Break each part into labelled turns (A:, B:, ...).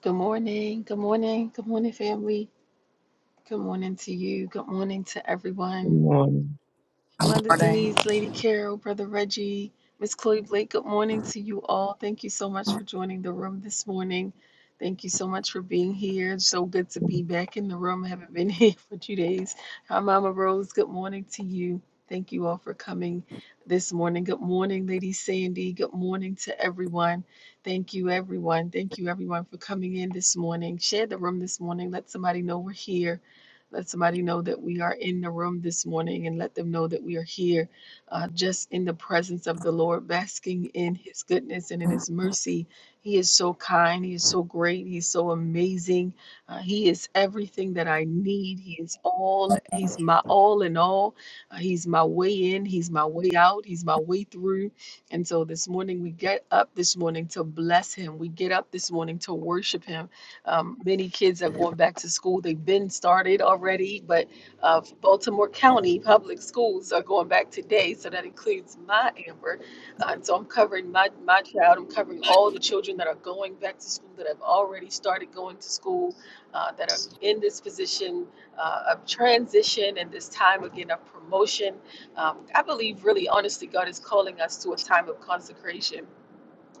A: Good morning. Good morning. Good morning, family. Good morning to you. Good morning to
B: Good
A: everyone.
B: morning.
A: Mother
C: Amen.
A: Denise, Lady Carol, Brother Reggie, Miss Chloe Blake, good morning to you all. Thank you so much for joining the room this morning. Thank you so much for being here. It's So good to be back in the room. I haven't been here for two days. Hi, Mama Rose. Good morning to you. Thank you all for coming this morning. Good morning, Lady Sandy. Good morning to everyone. Thank you, everyone. Thank you, everyone, for coming in this morning. Share the room this morning. Let somebody know we're here let somebody know that we are in the room this morning and let them know that we are here uh, just in the presence of the Lord, basking in his goodness and in his mercy. He is so kind. He is so great. He's so amazing. Uh, he is everything that I need. He is all. He's my all in all. Uh, he's my way in. He's my way out. He's my way through. And so this morning, we get up this morning to bless him. We get up this morning to worship him. Um, many kids are going back to school. They've been started already, but uh, Baltimore County Public Schools are going back today. So that includes my Amber. Uh, and so I'm covering my, my child. I'm covering all the children that are going back to school that have already started going to school, uh, that are in this position uh, of transition and this time again of promotion. Um, I believe, really, honestly, God is calling us to a time of consecration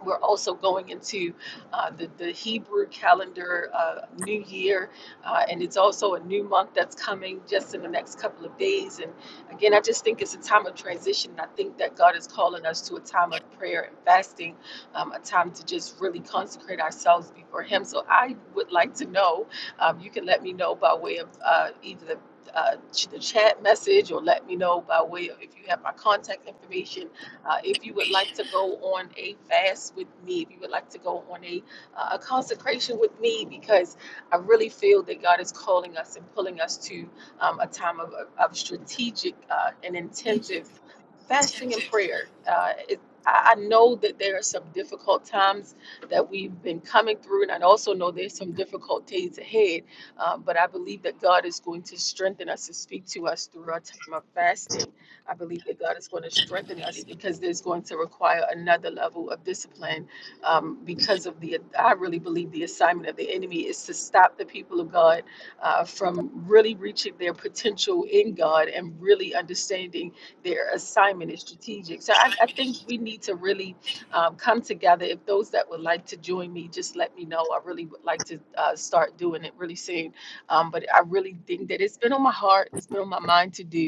A: we're also going into uh, the, the Hebrew calendar uh, new year, uh, and it's also a new month that's coming just in the next couple of days. And again, I just think it's a time of transition. I think that God is calling us to a time of prayer and fasting, um, a time to just really consecrate ourselves before Him. So I would like to know, um, you can let me know by way of uh, either the uh, the chat message, or let me know by way of if you have my contact information uh, if you would like to go on a fast with me, if you would like to go on a, uh, a consecration with me, because I really feel that God is calling us and pulling us to um, a time of, of strategic uh, and intensive fasting and prayer. Uh, it, I I know that there are some difficult times that we've been coming through, and I also know there's some difficult days ahead. Uh, but I believe that God is going to strengthen us and speak to us through our time of fasting I believe that God is going to strengthen us because there's going to require another level of discipline um, because of the, I really believe the assignment of the enemy is to stop the people of God uh, from really reaching their potential in God and really understanding their assignment is strategic. So I, I think we need to really um, come together. If those that would like to join me, just let me know. I really would like to uh, start doing it really soon. Um, but I really think that it's been on my heart, it's been on my mind to do.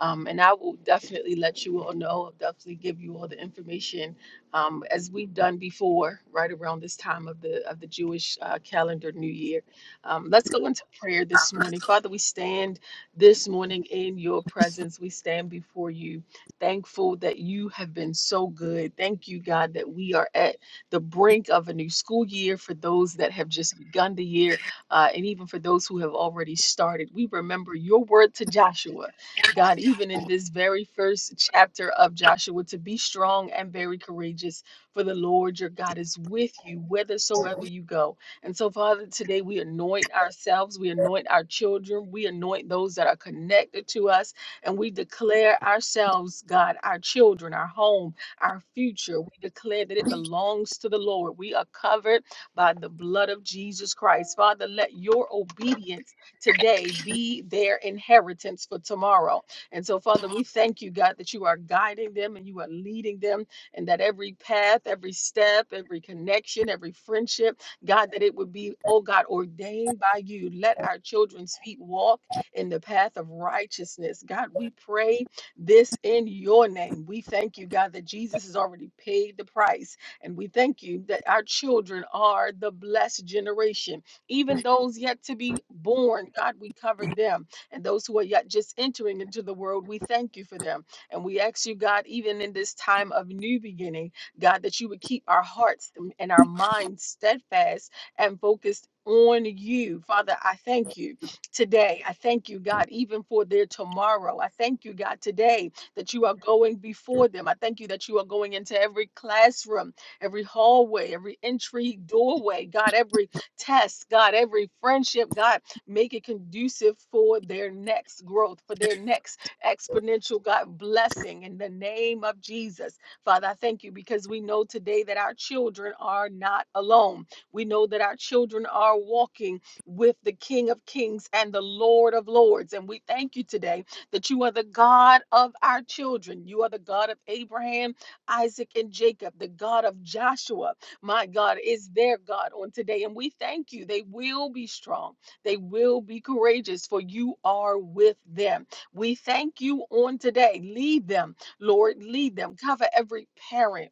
A: Um, and I will definitely let you all know. I'll definitely give you all the information um, as we've done before, right around this time of the of the Jewish uh, calendar New Year. Um, let's go into prayer this morning. Father, we stand this morning in your presence. We stand before you, thankful that you have been so good. Thank you, God, that we are at the brink of a new school year for those that have just begun the year, uh, and even for those who have already started. We remember your word to Joshua. God, even in this very first chapter of Joshua, to be strong and very courageous, for the Lord your God is with you whithersoever you go. And so, Father, today we anoint ourselves, we anoint our children, we anoint those that are connected to us, and we declare ourselves, God, our children, our home, our future. We declare that it belongs to the Lord. We are covered by the blood of Jesus Christ. Father, let your obedience today be their inheritance for tomorrow. And so, Father, we thank you, God, that you are guiding them and you are leading them, and that every path, every step, every connection, every friendship, God, that it would be, oh God, ordained by you. Let our children's feet walk in the path of righteousness. God, we pray this in your name. We thank you, God, that Jesus has already paid the price. And we thank you that our children are the blessed generation. Even those yet to be born, God, we cover them and those who are yet just entering into the world, we thank you for them. And we ask you, God, even in this time of new beginning, God, that you would keep our hearts and our minds steadfast and focused on you. Father, I thank you today. I thank you, God, even for their tomorrow. I thank you, God, today that you are going before them. I thank you that you are going into every classroom, every hallway, every entry, doorway, God, every test, God, every friendship, God, make it conducive for their next growth, for their next exponential, God, blessing in the name of Jesus. Father, I thank you because we know today that our children are not alone. We know that our children are walking with the King of Kings and the Lord of Lords. And we thank you today that you are the God of our children. You are the God of Abraham, Isaac, and Jacob, the God of Joshua, my God, is their God on today. And we thank you. They will be strong, they will be courageous, for you are with them. We thank you on today. Lead them, Lord, lead them. Cover every parent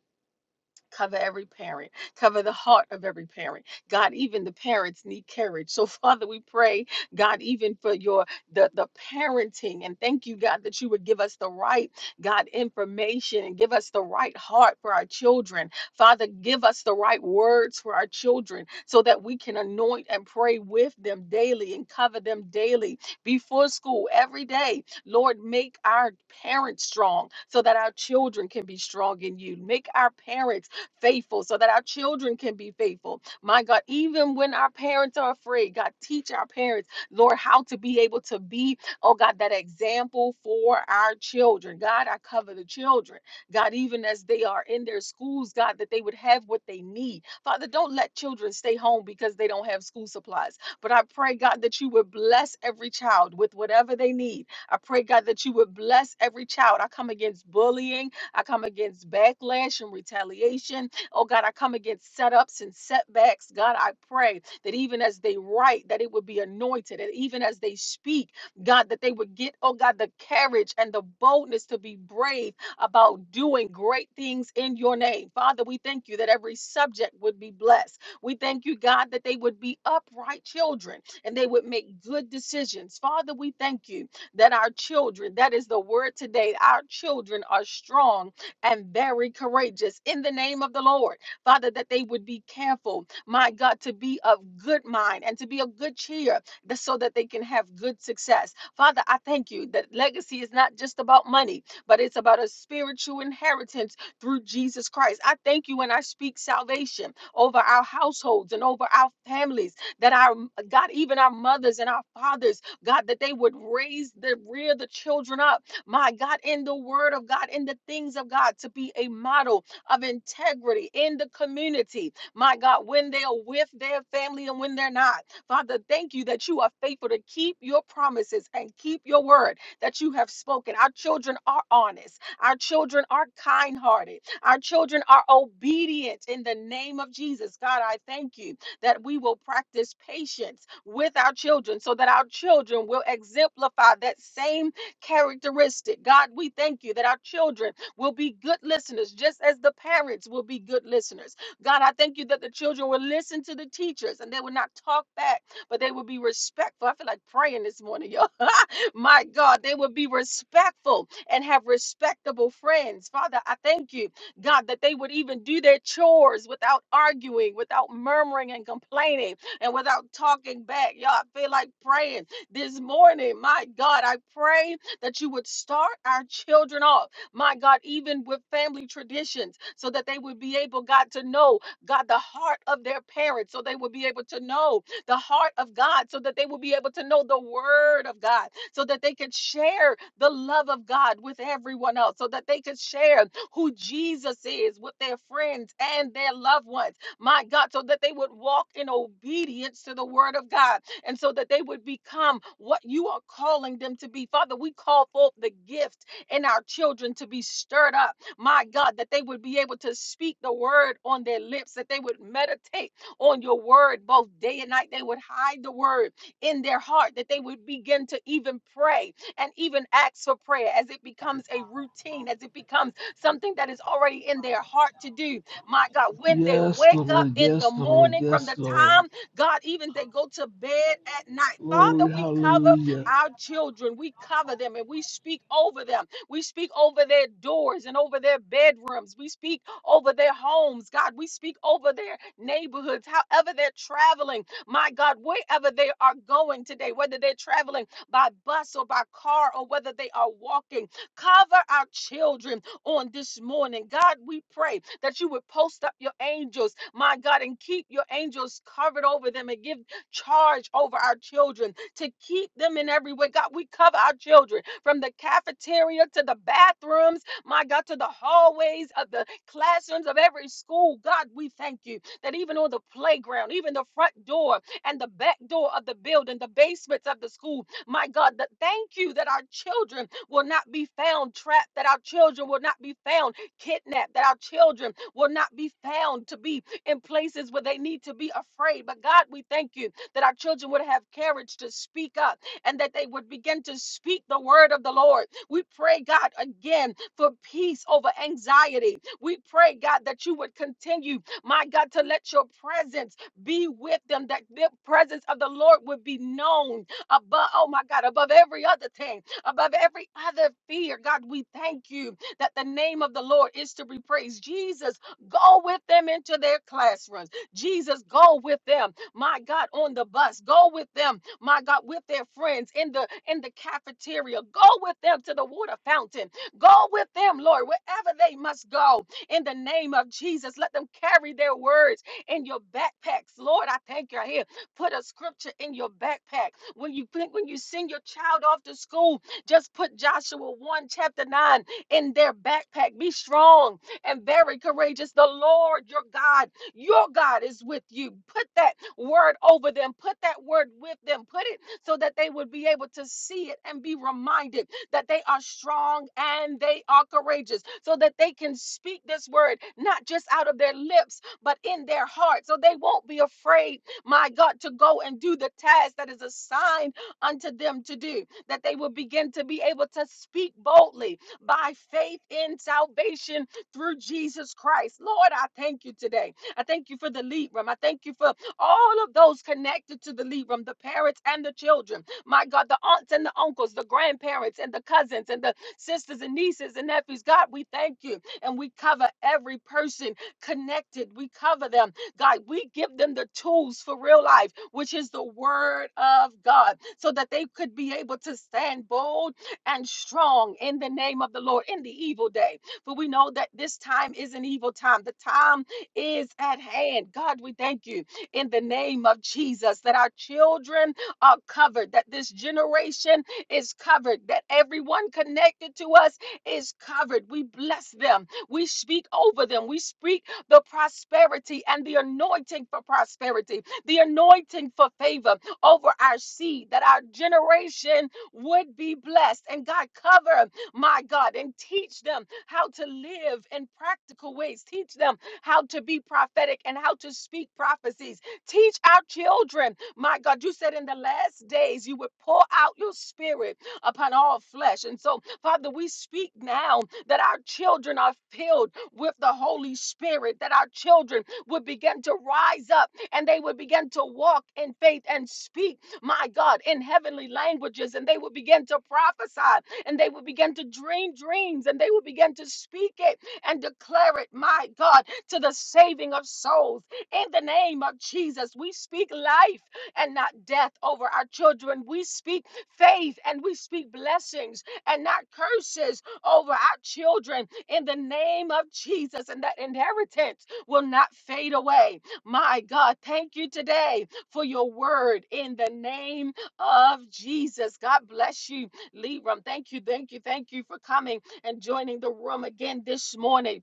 A: Cover every parent. Cover the heart of every parent. God, even the parents need courage. So, Father, we pray, God, even for your the, the parenting. And thank you, God, that you would give us the right, God, information and give us the right heart for our children. Father, give us the right words for our children so that we can anoint and pray with them daily and cover them daily before school every day. Lord, make our parents strong so that our children can be strong in you. Make our parents faithful, so that our children can be faithful. My God, even when our parents are afraid, God, teach our parents, Lord, how to be able to be, oh God, that example for our children. God, I cover the children. God, even as they are in their schools, God, that they would have what they need. Father, don't let children stay home because they don't have school supplies. But I pray, God, that you would bless every child with whatever they need. I pray, God, that you would bless every child. I come against bullying, I come against backlash and retaliation. Oh God, I come against setups and setbacks. God, I pray that even as they write, that it would be anointed. And even as they speak, God, that they would get, oh God, the courage and the boldness to be brave about doing great things in your name. Father, we thank you that every subject would be blessed. We thank you, God, that they would be upright children and they would make good decisions. Father, we thank you that our children, that is the word today, our children are strong and very courageous in the name of the Lord. Father, that they would be careful, my God, to be of good mind and to be of good cheer th- so that they can have good success. Father, I thank you that legacy is not just about money, but it's about a spiritual inheritance through Jesus Christ. I thank you when I speak salvation over our households and over our families, that our God, even our mothers and our fathers, God, that they would raise the rear the children up my God, in the word of God, in the things of God, to be a model of integrity in the community, my God, when they are with their family and when they're not. Father, thank you that you are faithful to keep your promises and keep your word that you have spoken. Our children are honest, our children are kind hearted, our children are obedient in the name of Jesus. God, I thank you that we will practice patience with our children so that our children will exemplify that same characteristic. God, we thank you that our children will be good listeners, just as the parents will be good listeners. God, I thank you that the children will listen to the teachers and they will not talk back, but they will be respectful. I feel like praying this morning, y'all. My God, they will be respectful and have respectable friends. Father, I thank you, God, that they would even do their chores without arguing, without murmuring and complaining, and without talking back. Y'all, I feel like praying this morning. My God, I pray that you would start our children off, my God, even with family traditions, so that they would be able, God, to know, God, the heart of their parents, so they would be able to know the heart of God, so that they would be able to know the word of God, so that they could share the love of God with everyone else, so that they could share who Jesus is with their friends and their loved ones my God, so that they would walk in obedience to the word of God and so that they would become what you are calling them to be. Father, we call forth the gift in our children to be stirred up, my God, that they would be able to speak the word on their lips, that they would meditate on your word both day and night. They would hide the word in their heart, that they would begin to even pray and even ask for prayer as it becomes a routine, as it becomes something that is already in their heart to do my God, when they
D: Yes,
A: wake up
D: Lord.
A: in the
D: Yes, Lord.
A: morning from
D: Yes,
A: the
D: Lord.
A: time, God, even they go to bed at night. Father,
D: Glory,
A: we cover
D: hallelujah.
A: our children. We cover them and we speak over them. We speak over their doors and over their bedrooms. We speak over their homes. God, we speak over their neighborhoods, however they're traveling. My God, wherever they are going today, whether they're traveling by bus or by car or whether they are walking, cover our children on this morning. God, we pray that you would post up your angels, my God, and keep your angels covered over them and give charge over our children to keep them in every way. God, we cover our children from the cafeteria to the bathrooms, my God, to the hallways of the classrooms of every school. God, we thank you that even on the playground, even the front door and the back door of the building, the basements of the school. My God, that thank you that our children will not be found trapped, that our children will not be found kidnapped, that our children will not be found to be in places where they need to be afraid. But God, we thank you that our children would have courage to speak up and that they would begin to speak the word of the Lord. We pray, God, again for peace over anxiety. We pray, God, that you would continue, my God, to let your presence be with them, that the presence of the Lord would be known above, oh my God, above every other thing, above every other fear. God, we thank you that the name of the Lord is to be praised. Jesus, go with them into their classrooms. Jesus, go with them, my God, on the bus. Go with them, my God, with their friends in the in the cafeteria. Go with them to the water fountain. Go with them, Lord, wherever they must go. In the name of Jesus, let them carry their words in your backpacks. Lord, I thank you. Put a scripture in your backpack. When you think when you send your child off to school, just put Joshua 1 chapter 9 in their backpack. Be strong and very courageous. The Lord your God, your God is with you. Put that word over them. Put that word with them. Put it so that they would be able to see it and be reminded that they are strong and they are courageous, so that they can speak this word not just out of their lips, but in their heart, so they won't be afraid my God, to go and do the task that is assigned unto them to do, that they will begin to be able to speak boldly by faith in salvation through Jesus Christ. Lord, I thank you today. I thank you for the lead room. I thank you for all of those connected to the lead room, the parents and the children. My God, the aunts and the uncles, the grandparents and the cousins and the sisters and nieces and nephews. God, we thank you. And we cover every person connected. We cover them God, we give them the tools for real life, which is the word of God, so that they could be able to stand bold and strong in the name of the Lord in the evil day. For we know that this time is an evil time. The time is at hand. God, we thank you in the name of Jesus that our children are covered, that this generation is covered, that everyone connected to us is covered. We bless them. We speak over them. We speak the prosperity and the anointing for prosperity, the anointing for favor over our seed, that our generation would be blessed. And God, cover, my God, and teach them how to live in practical ways. Teach them how to be prophetic and how to speak prophecies. Teach our children, my God, you said in the last days you would pour out your spirit upon all flesh. And so, Father, we speak now that our children are filled with the Holy Spirit, that our children would begin to rise up and they would begin to walk in faith and speak, my God, in heavenly languages, and they would begin to prophesy and they would begin to dream dreams and they would begin to speak it and declare it, my God, to the saving of souls. In the name of Jesus, we speak life and not death over our children. We speak faith and we speak blessings and not curses over our children in the name of Jesus, and that inheritance will not fade away. My God, thank you today for your word in the name of Jesus. God bless you, Libram. Thank you, thank you, thank you for coming and joining the room again this morning.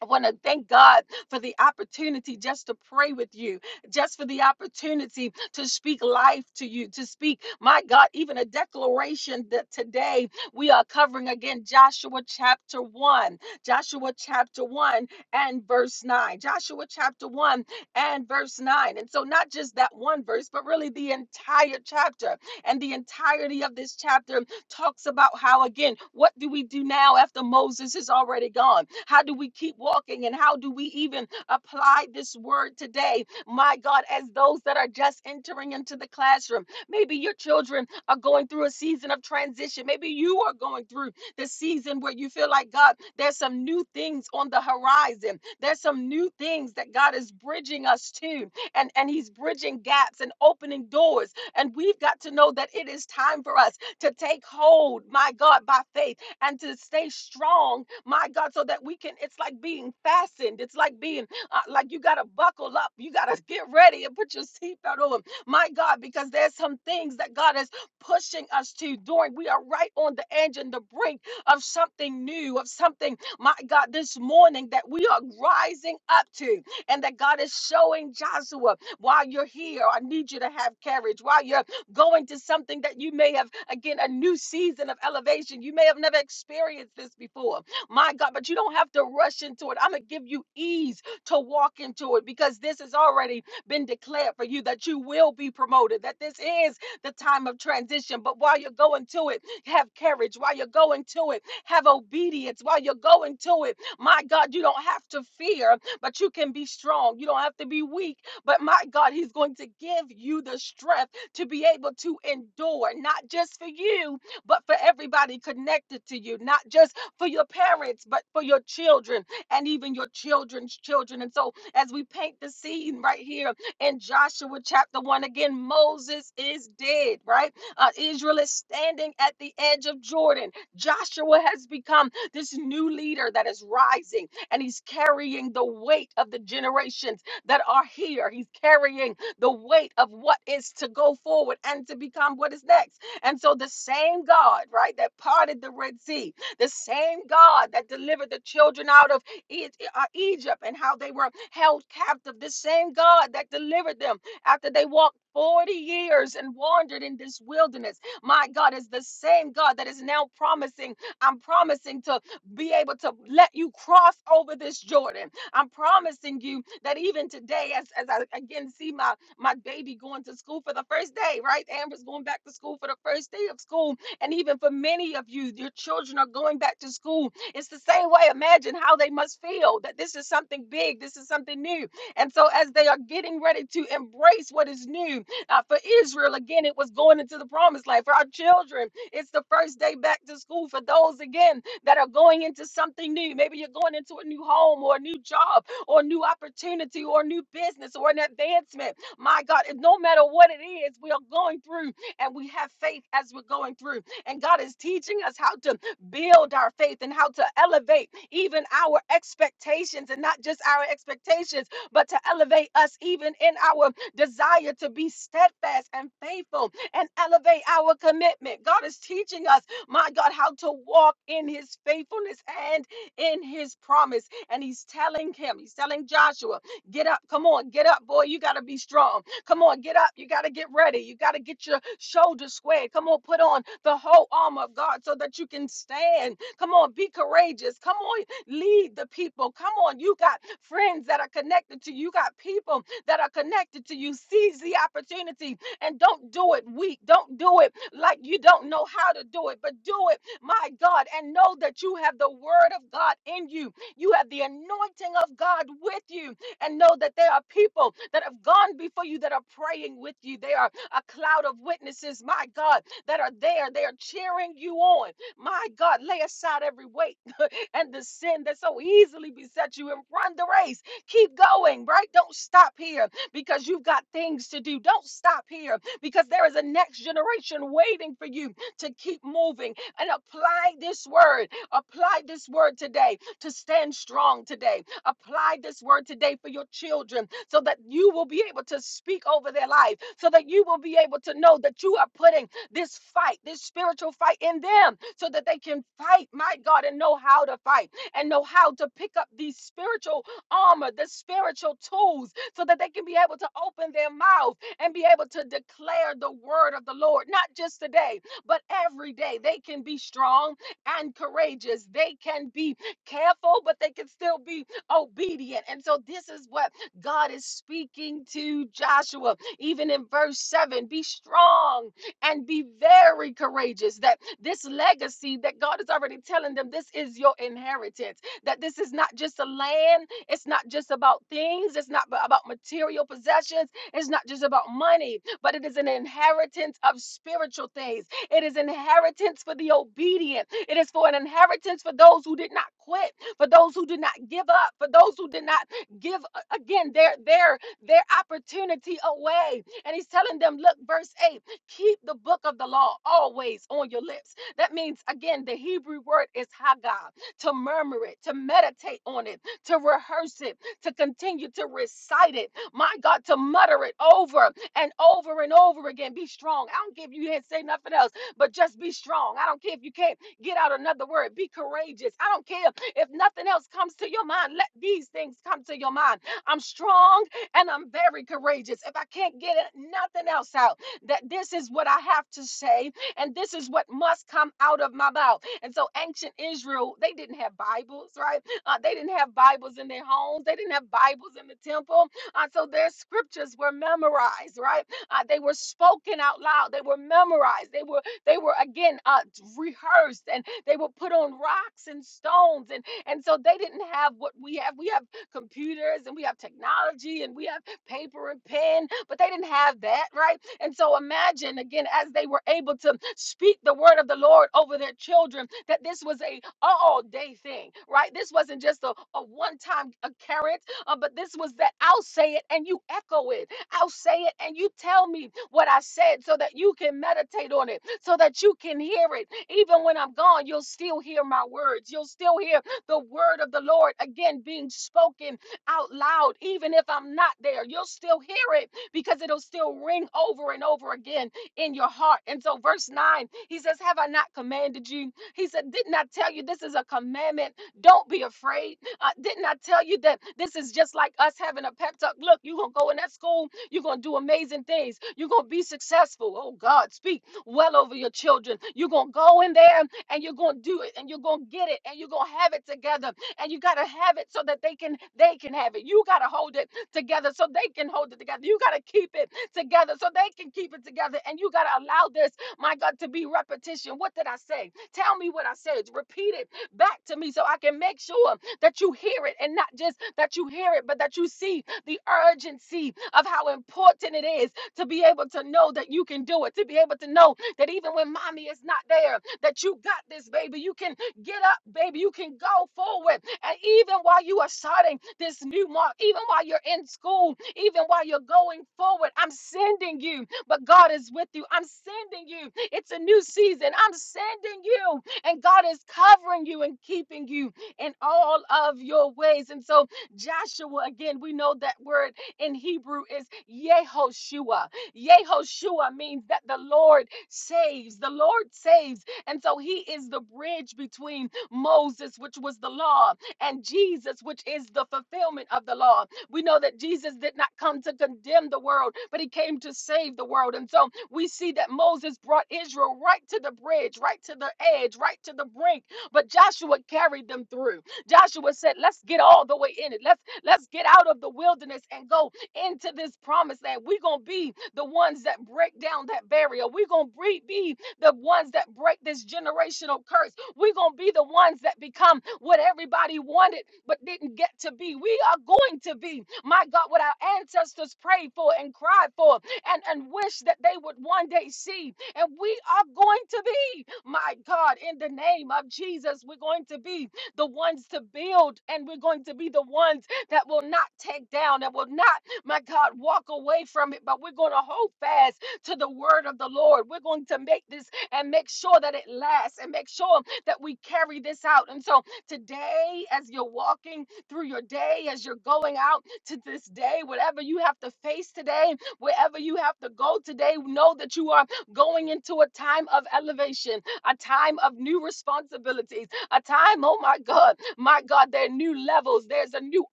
A: I want to thank God for the opportunity just to pray with you, just for the opportunity to speak life to you, to speak, my God, even a declaration that today we are covering again Joshua chapter 1, Joshua chapter 1 and verse 9, Joshua chapter 1 and verse 9. And so, not just that one verse, but really the entire chapter and the entirety of this chapter talks about how, again, what do we do now after Moses is already gone? How do we keep walking and how do we even apply this word today? My God, as those that are just entering into the classroom, maybe your children are going through a season of transition. Maybe you are going through the season where you feel like, God, there's some new things on the horizon. There's some new things that God is bridging us to, and, and He's bridging gaps and opening doors. And we've got to know that it is time for us to take hold, my God, by faith and to stay strong, my God, so that we can. It's like being fastened. It's like being uh, like you got to buckle up. You got to get ready and put your seatbelt on, my God, because there's some things that God is pushing us to doing. We are right on the edge and the brink of something new, of something, my God, this morning that we are rising up to, and that God is showing Joshua while you're here. I need you to have courage. While you're Going to something that you may have, again, a new season of elevation. You may have never experienced this before. My God, but you don't have to rush into it. I'm going to give you ease to walk into it because this has already been declared for you that you will be promoted, that this is the time of transition. But while you're going to it, have courage. While you're going to it, have obedience. While you're going to it, my God, you don't have to fear, but you can be strong. You don't have to be weak, but my God, He's going to give you the strength to be able to endure, not just for you, but for everybody connected to you, not just for your parents, but for your children and even your children's children. And so, as we paint the scene right here in Joshua chapter 1, again, Moses is dead, right? Uh, Israel is standing at the edge of Jordan. Joshua has become this new leader that is rising and he's carrying the weight of the generations that are here. He's carrying the weight of what is to go forward and to become what is next. And so the same God, right, that parted the Red Sea, the same God that delivered the children out of E- uh, Egypt and how they were held captive, the same God that delivered them after they walked 40 years and wandered in this wilderness. My God is the same God that is now promising, I'm promising to be able to let you cross over this Jordan. I'm promising you that even today, as, as I again see my, my baby going to school for the first day, right? Amber's going back to school for the first day of school. And even for many of you, your children are going back to school. It's the same way. Imagine how they must feel that this is something big, this is something new. And so, as they are getting ready to embrace what is new uh, for Israel, again, it was going into the promised land. For our children, it's the first day back to school. For those, again, that are going into something new. Maybe you're going into a new home or a new job or a new opportunity or a new business or an advancement. My God, and no matter what it is, we are going through and we have faith as we're going through. And God is teaching us how to build our faith and how to elevate even our expectations and not just our expectations, but to elevate us even in our desire to be steadfast and faithful and elevate our commitment. God is teaching us my God, how to walk in his faithfulness and in his promise. And he's telling him, he's telling Joshua, get up, come on, get up, boy, you got to be strong. Come on, get up, you got to get ready, you got to get your shoulders squared. Come on, put on the whole armor of God so that you can stand. Come on, be courageous. Come on, lead the people. Come on, you got friends that are connected to you, you got people that are connected to you. Seize the opportunity and don't do it weak, don't do it like you don't know how to do it, but do it, my God, and know that you have the word of God in you. You have the anointing of God with you, and know that there are people that have gone before you that are praying with you. They are a cloud of witnesses, my God, that are there. They are cheering you on. My God, lay aside every weight and the sin that so easily beset you and run the race. Keep going, right? Don't stop here because you've got things to do. Don't stop here because there is a next generation waiting for you to keep moving and apply this word. Apply this word today to stand strong today. Apply this word today for your children so that you will be able to speak over their life, so that you will be able to know that you are putting this fight, this spiritual fight in them so that they can fight, my God, and know how to fight and know how to pick up these spiritual armor, the spiritual tools, so that they can be able to open their mouth and be able to declare the word of the Lord, not just today, but every day. They can be strong and courageous. They can be careful, but they can still be obedient. And so, this is what God is speaking to Joshua, even in verse 7 be strong and be very courageous. That this legacy that God is already telling them, this is your inheritance. That this is not just a land, it's not just about things, it's not about material possessions, is not just about money, but it is an inheritance of spiritual things. It is inheritance for the obedient. It is for an inheritance for those who did not quit, for those who did not give up, for those who did not give uh, again their their their opportunity away. And he's telling them, look, verse 8, keep the book of the law always on your lips. That means again, the Hebrew word is haggah, to murmur it, to meditate on it, to rehearse it, to continue to recite it. My God, to mutter it over and over and over again. Be strong. I don't care if you didn't say nothing else, but just be strong. I don't care if you can't get out another word. Be courageous. I don't care if nothing else comes to your mind. Let these things come to your mind. I'm strong and I'm very courageous. If I can't get it, nothing else out, that this is what I have to say and this is what must come out of my mouth. And so ancient Israel, they didn't have Bibles, right? Uh, they didn't have Bibles in their homes, they didn't have Bibles in the temple. Uh, so their scriptures were memorized, right? Uh, they were spoken out loud, they were memorized, they were they were again uh, rehearsed, and they were put on rocks and stones, and and so they didn't have what we have. We have computers and we have technology and we have paper and pen, but they didn't have that, right? And so imagine again, as they were able to speak the word of the Lord over their children, that this was a all day thing, right? This wasn't just a, a one time occurrence, uh, but this was that I'll say it and you echo it. I'll say it and you tell me what I said so that you can meditate on it, so that you can hear it. Even when I'm gone, you'll still hear my words. You'll still hear the word of the Lord again being spoken out loud, even if I'm not there. You'll still hear it because it'll still ring over and over again in your heart. And so, verse 9, he says, Have I not commanded you? He said, Didn't I tell you this is a commandment? Don't be afraid. Uh, didn't I tell you that this is just like us having a pep talk? Look, you're going to go in that school, you're going to do amazing things, you're going to be successful. Oh, God, speak well over your children. You're going to go in there and you're going to do it and you're going to get it and you're going to have it together and you got to have it so that they can they can have it you got to hold it together so they can hold it together you got to keep it together so they can keep it together and you got to allow this my god to be repetition what did i say tell me what i said repeat it back to me so i can make sure that you hear it and not just that you hear it but that you see the urgency of how important it is to be able to know that you can do it to be able to know that even when mommy is not there that you got this baby you can Get up, baby. You can go forward. And even while you are starting this new mark, even while you're in school, even while you're going forward, I'm sending you. But God is with you. I'm sending you. It's a new season. I'm sending you. And God is covering you and keeping you in all of your ways. And so, Joshua, again, we know that word in Hebrew is Yehoshua. Yehoshua means that the Lord saves. The Lord saves. And so he is the bridge between Moses, which was the law, and Jesus, which is the fulfillment of the law. We know that Jesus did not come to condemn the world, but he came to save the world. And so we see that Moses brought Israel right to the bridge, right to the edge, right to the brink. But Joshua carried them through. Joshua said, Let's get all the way in it. Let's let's get out of the wilderness and go into this promised land. We're gonna be the ones that break down that barrier. We're gonna be the ones that break this generational curse. We're going to be the ones that become what everybody wanted but didn't get to be. We are going to be, my God, what our ancestors prayed for and cried for and, and wished that they would one day see. And we are going to be, my God, in the name of Jesus, we're going to be the ones to build and we're going to be the ones that will not take down, that will not, my God, walk away from it, but we're going to hold fast to the word of the Lord. We're going to make this and make sure that it lasts and make sure that we carry this out. And so today, as you're walking through your day, as you're going out to this day, whatever you have to face today, wherever you have to go today, know that you are going into a time of elevation, a time of new responsibilities, a time, oh my God, my God, there are new levels, there's a new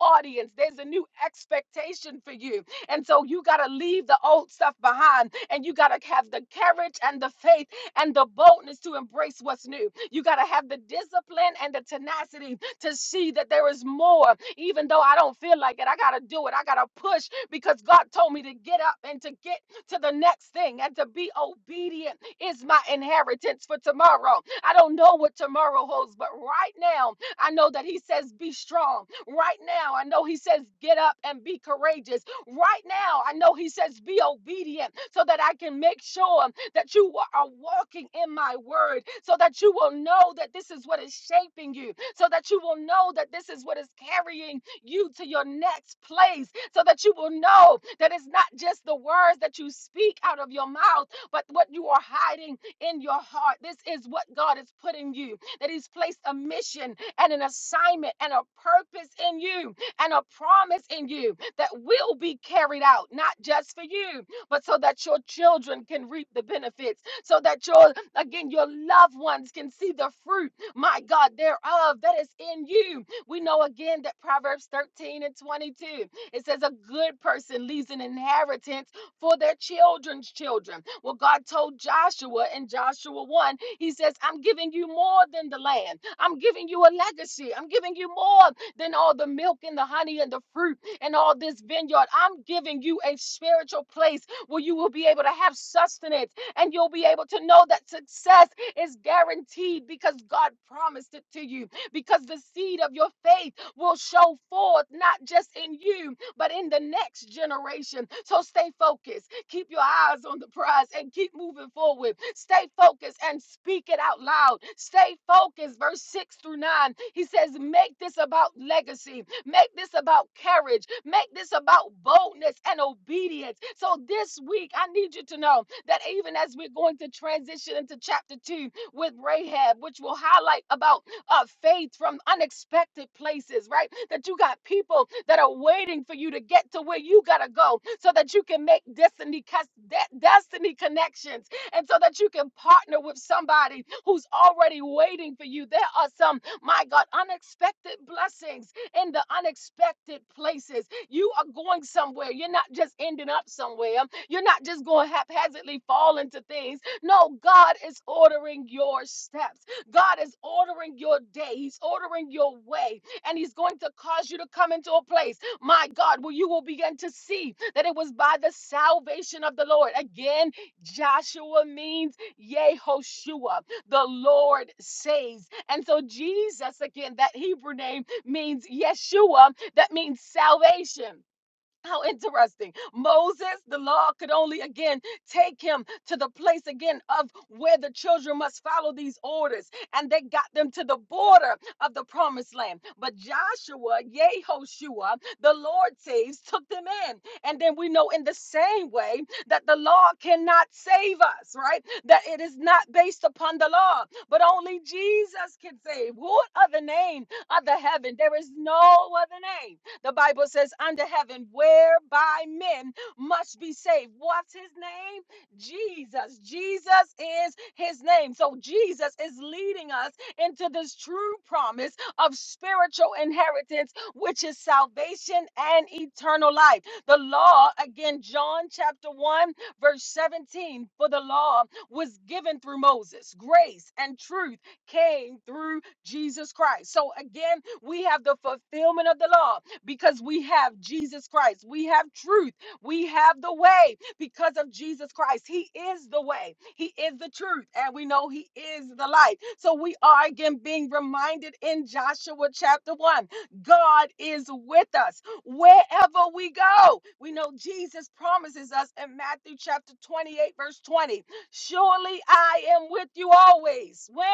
A: audience, there's a new expectation for you. And so you got to leave the old stuff behind and you got to have the courage and the faith and the boldness to embrace what's new. You got to have the discipline and the tenacity to see that there is more. Even though I don't feel like it, I got to do it. I got to push because God told me to get up and to get to the next thing and to be obedient is my inheritance for tomorrow. I don't know what tomorrow holds, but right now, I know that He says, be strong. Right now, I know He says, get up and be courageous. Right now, I know he says, Be obedient so that I can make sure that you are walking in my word, so that you will know that this is what is shaping you, so that you will know that this is what is carrying you to your next place, so that you will know that it's not just the words that you speak out of your mouth, but what you are hiding in your heart. This is what God is putting you, that He's placed a mission and an assignment and a purpose in you and a promise in you that will be carried out, not just for you, but so that your children can reap the benefits, so that your, again, your loved ones can see the fruit, my God, thereof that is in you. We know again that Proverbs 13 and 22, it says, A good person leaves an inheritance for their children's children. Well, God told Joshua in Joshua 1, He says, I'm giving you more than the land, I'm giving you a legacy, I'm giving you more than all the milk and the honey and the fruit and all this vineyard. I'm giving you a spiritual place where you will be able to have sustenance and you'll be able to know that success is guaranteed because God promised it to you. Because the seed of your faith will show forth not just in you, but in the next generation. So stay focused Keep your eyes on the prize and keep moving forward. Stay focused and speak it out loud. Stay focused. Verse 6 through 9, he says, Make this about legacy. Make this about courage. Make this about boldness and obedience. So this week, I need you to know that even as we're going to transition into chapter 2 with Rahab, which will highlight about of faith from unexpected places, right? That you got people that are waiting for you to get to where you gotta go so that you can make destiny cus- de- destiny connections and so that you can partner with somebody who's already waiting for you. There are some, my God, unexpected blessings in the unexpected places. You are going somewhere. You're not just ending up somewhere. You're not just going haphazardly fall into things. No, God is ordering your steps. God is ordering your day, He's ordering your way, and He's going to cause you to come into a place, my God, where you will begin to see that it was by the salvation of the Lord. Again, Joshua means Yehoshua, the Lord saves. And so, Jesus, again, that Hebrew name means Yeshua, that means salvation. How interesting. Moses, the law could only again take him to the place again of where the children must follow these orders. And they got them to the border of the promised land. But Joshua, Yehoshua, the Lord saves, took them in. And then we know in the same way that the law cannot save us, right? That it is not based upon the law, but only Jesus can save. What other name other heaven? There is no other name the Bible says, under heaven, whereby men must be saved. What's his name? Jesus. Jesus is his name. So Jesus is leading us into this true promise of spiritual inheritance, which is salvation and eternal life. The law, again, John chapter 1, verse 17, for the law was given through Moses, grace and truth came through Jesus Christ. So again, we have the fulfillment of the law because we have Jesus Christ. We have truth. We have the way because of Jesus Christ. He is the way, He is the truth, and we know He is the light. So we are again being reminded in Joshua chapter 1 God is with us wherever we go. We know Jesus promises us in Matthew chapter 28, verse 20 Surely I am with you always. When?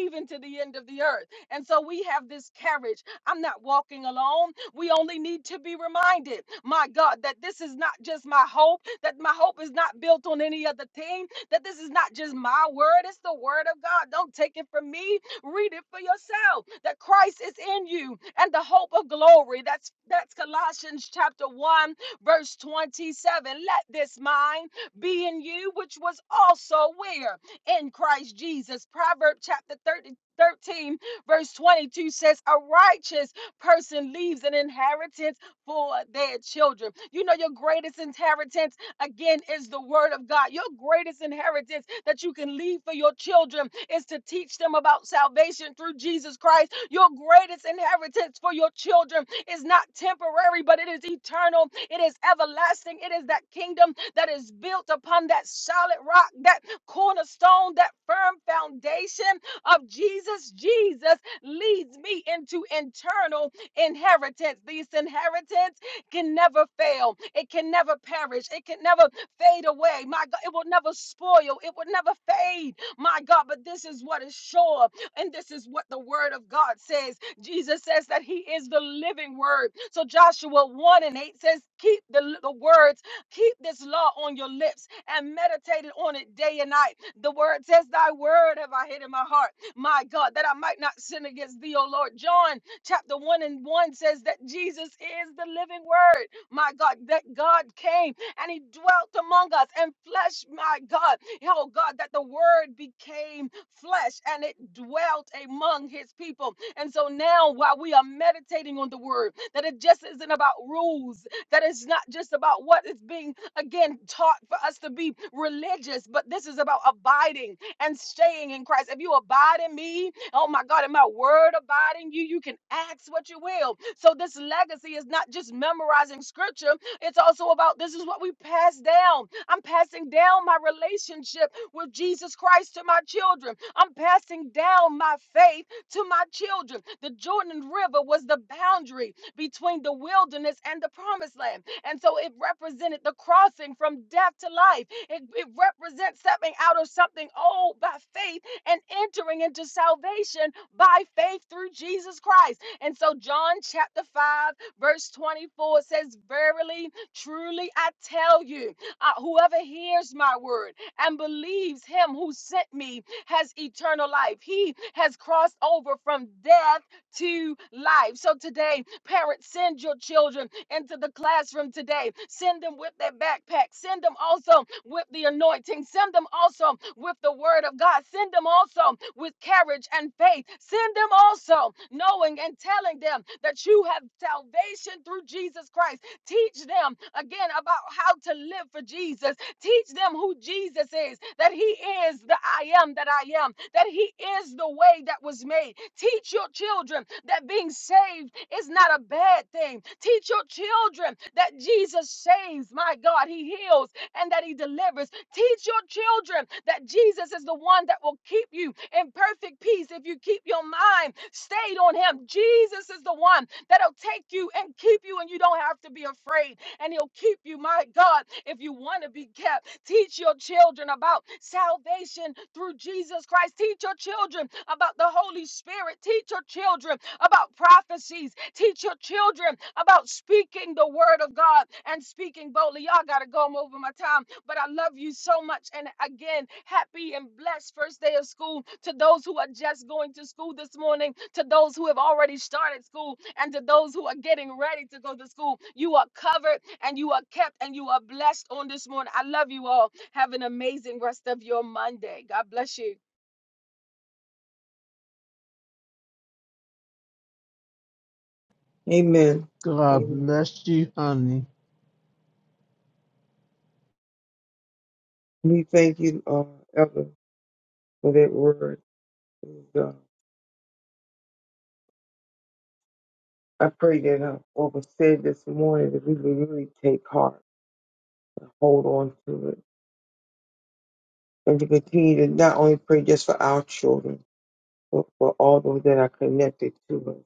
A: Even to the end of the earth. And so we have this carriage. I'm not walking alone. We only need to be reminded, my God, that this is not just my hope, that my hope is not built on any other thing, that this is not just my word, it's the word of God. Don't take it from me, read it for yourself. That Christ is in you and the hope of glory. That's that's Colossians chapter 1 verse 27. Let this mind be in you which was also where in Christ Jesus. Proverbs chapter 30 13 verse 22 says a righteous person leaves an inheritance for their children. You know, your greatest inheritance, again, is the word of God. Your greatest inheritance that you can leave for your children is to teach them about salvation through Jesus Christ. Your greatest inheritance for your children is not temporary, but it is eternal, it is everlasting. It is that kingdom that is built upon that solid rock, that cornerstone, that firm foundation of Jesus. Jesus leads me into internal inheritance. This inheritance can never fail, it can never perish, it can never fade away. My God, it will never spoil, it will never fade. My God, but this is what is sure, and this is what the word of God says. Jesus says that he is the living word. So Joshua 1 and 8 says, Keep the, the words, keep this law on your lips and meditate on it day and night. The word says, Thy word have I hid in my heart, my God, that I might not sin against thee, O Lord. John Chapter 1 and 1 says that Jesus is the living word. My God, that God came and he dwelt among us and flesh, my God. Oh God, that the word became flesh and it dwelt among his people. And so now while we are meditating on the word, that it just isn't about rules, that it's not just about what is being again taught for us to be religious, but this is about abiding and staying in Christ. If you abide in me Oh my God, and my word abide in you. You can ask what you will. So this legacy is not just memorizing scripture, it's also about this is what we pass down. I'm passing down my relationship with Jesus Christ to my children. I'm passing down my faith to my children. The Jordan River was the boundary between the wilderness and the promised land. And so it represented the crossing from death to life. It, it represents stepping out of something old by faith and entering into salvation by faith through Jesus Christ. And so, John chapter 5, verse 24 says, Verily, truly, I tell you, uh, whoever hears my word and believes him who sent me has eternal life. He has crossed over from death to life. So today, parents, send your children into the classroom today. Send them with their backpack. Send them also with the anointing. Send them also with the word of God. Send them also with courage and faith. Send them also knowing and telling them that you have salvation through Jesus Christ. Teach them again about how to live for Jesus. Teach them who Jesus is, that He is the I am that I am, that He is the way that was made. Teach your children that being saved is not a bad thing. Teach your children that Jesus saves. My God, He heals and that he delivers. Teach your children that Jesus is the one that will keep you in perfect peace if you keep your mind stayed on him. Jesus is the one that'll take you and keep you, and you don't have to be afraid and He'll keep you, my God, if you want to be kept. Teach your children about salvation through Jesus Christ. Teach your children about the Holy Spirit. Teach your children about prophecies. Teach your children about speaking the word of God and speaking boldly. Y'all got to go I'm over my time. But I love you so much. And again, happy and blessed first day of school to those who are just going to school this morning, to those who have already started school, and to those who are getting ready to go to school. You are covered and you are kept and you are blessed on this morning. I love you all. Have an amazing rest of your Monday. God bless you.
B: Amen.
D: God
B: Amen.
D: bless you, honey.
B: We thank you, uh, Elder, for that word. And, uh, I pray that uh, what was said this morning, that we will really take heart and hold on to it. And to continue to not only pray just for our children, but for all those that are connected to us.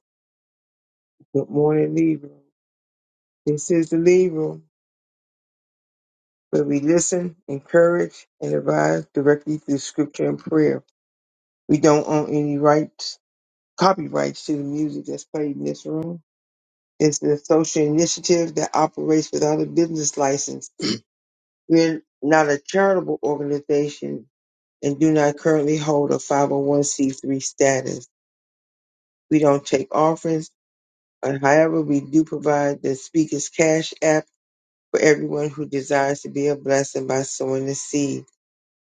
B: Good morning, Lead Room. This is the Lead Room, where we listen, encourage, and advise directly through scripture and prayer. We don't own any rights, copyrights to the music that's played in this room It's an social initiative that operates without a business license. We're not a charitable organization and do not currently hold a 501c3 status. We don't take offerings, and however, we do provide the Speaker's Cash app for everyone who desires to be a blessing by sowing a seed.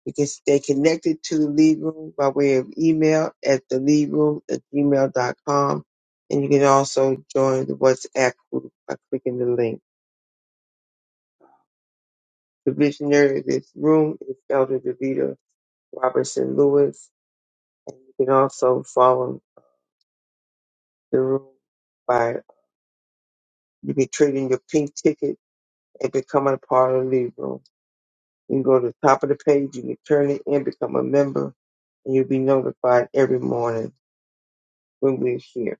B: You can stay connected to the Lead Room by way of email at theleadroom at gmail.com. And you can also join the WhatsApp group by clicking the link. The visionary of this room is Elder Davita Robertson Lewis. And you can also follow the room by you can trade in your pink ticket and become a part of the lead room. You can go to the top of the page, you can turn it in, become a member, and you'll be notified every morning when we're here.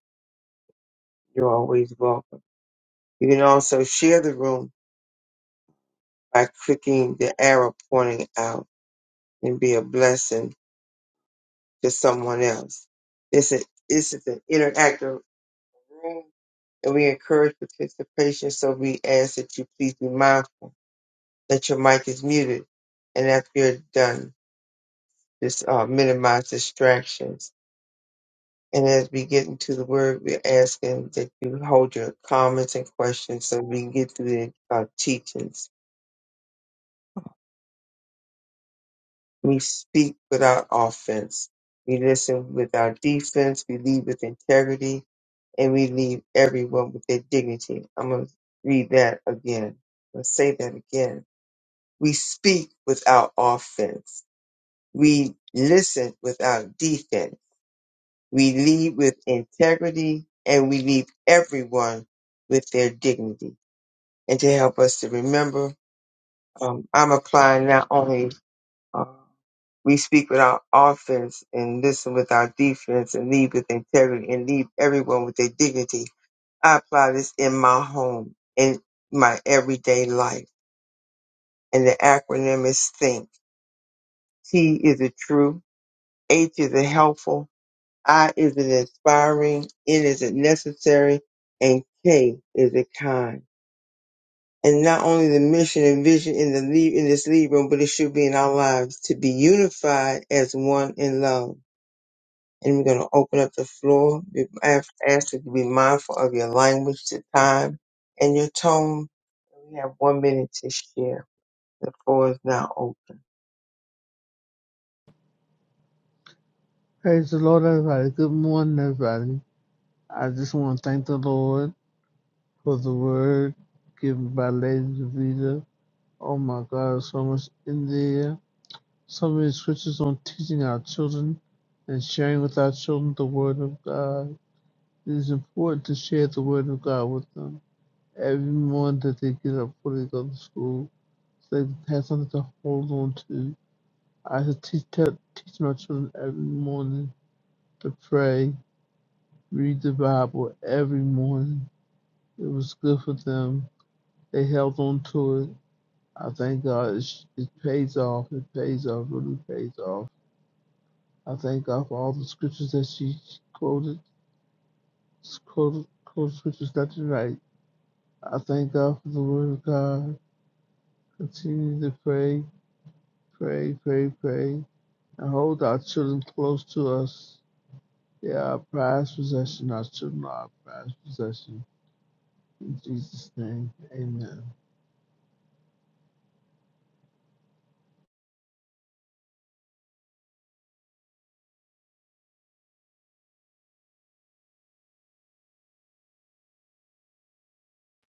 B: You're always welcome. You can also share the room by clicking the arrow pointing out and be a blessing to someone else. It's a, this is an interactive room and we encourage participation, so we ask that you please be mindful that your mic is muted. And after you're done, just uh, minimize distractions. And as we get into the word, we're asking that you hold your comments and questions so we can get through the uh, teachings. We speak without offense. We listen without defense. We lead with integrity. And we leave everyone with their dignity. I'm going to read that again. Let's say that again We speak without offense. We listen without defense. We lead with integrity and we leave everyone with their dignity. And to help us to remember, um, I'm applying not only uh, we speak without offense and listen without defense and lead with integrity and leave everyone with their dignity. I apply this in my home, in my everyday life. And the acronym is THINK. T is a true. H is it helpful? I is it inspiring? N is it necessary? And K is it kind? And not only the mission and vision in the lead, in this lead room, but it should be in our lives to be unified as one in love. And we're going to open up the floor. We ask, ask you to be mindful of your language, the time, and your tone. We have one minute to share. The floor is now open.
D: Praise the Lord, everybody. Good morning, everybody. I just want to thank the Lord for the word given by Lady Davida. Oh my God, so much in there. So many scriptures on teaching our children and sharing with our children the word of God. It is important to share the word of God with them. Every morning that they get up before they go to school, so they have something to hold on to. I should teach, tell, teach my children every morning to pray, read the Bible every morning. It was good for them. They held on to it. I thank God it, sh- it pays off. It pays off, really pays off. I thank God for all the scriptures that she quoted, quoted, quoted scriptures left and right. I thank God for the Word of God. Continue to pray, pray, pray, pray, and hold our children close to us Yeah, past possession, I should not past possession. In Jesus' name, amen.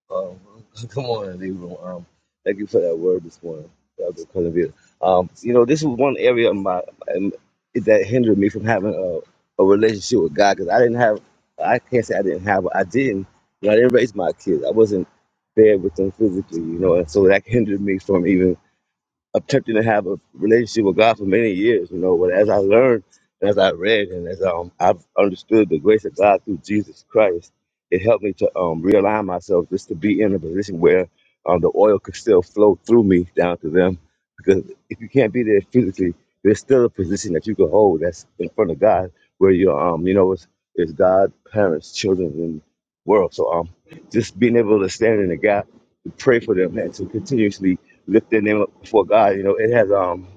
E: Um, come on, Libra. Um, thank you for that word this morning, Dr. Columbia. Um, you know, this was one area of my um, that hindered me from having a, a relationship with God because I didn't have. I can't say I didn't have. I didn't. You know, I didn't raise my kids. I wasn't there with them physically. You know, and so that hindered me from even attempting to have a relationship with God for many years, you know. But as I learned, and as I read, and as um, I've understood the grace of God through Jesus Christ, it helped me to um, realign myself just to be in a position where um, the oil could still flow through me down to them. Because if you can't be there physically, there's still a position that you can hold that's in front of God, where you um, you know, it's, it's God, parents, children, and world. So um, just being able to stand in the gap, to pray for them, and to continuously lift their name up before God. You know, it has um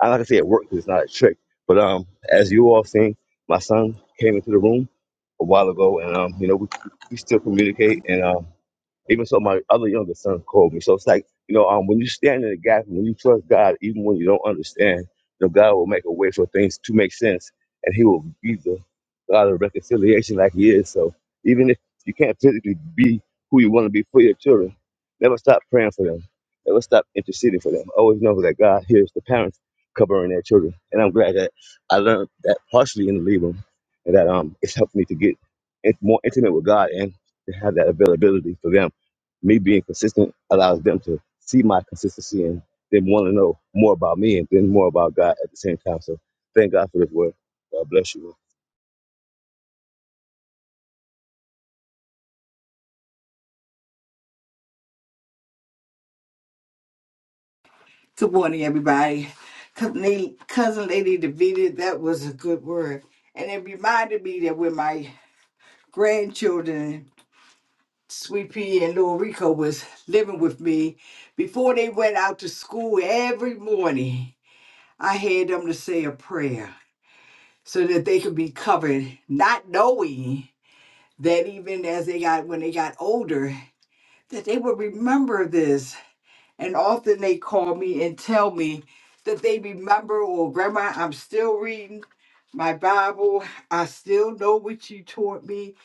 E: I like to say it works. it's not a trick. But um as you all seen, my son came into the room a while ago and um, you know, we, we still communicate and um. Even so, my other younger son called me. So it's like, you know, um, when you stand in the gap, when you trust God, even when you don't understand, you know, God will make a way for things to make sense, and He will be the God of reconciliation, like He is. So even if you can't physically be who you want to be for your children, never stop praying for them. Never stop interceding for them. Always know that God hears the parents covering their children, and I'm glad that I learned that partially in the Libra, and that um, it's helped me to get in- more intimate with God and to have that availability for them me being consistent allows them to see my consistency and then want to know more about me and then more about God at the same time. So thank God for this word. God bless you.
F: Good morning, everybody. Cousin Lady, Cousin Lady Davida, that was a good word. And it reminded me that when my grandchildren, Sweet Pea and Little Rico, was living with me, before they went out to school every morning, I had them to say a prayer so that they could be covered, not knowing that even as they got, when they got older, that they would remember this And often they call me and tell me that they remember, or Grandma, I'm still reading my Bible. I still know what you taught me.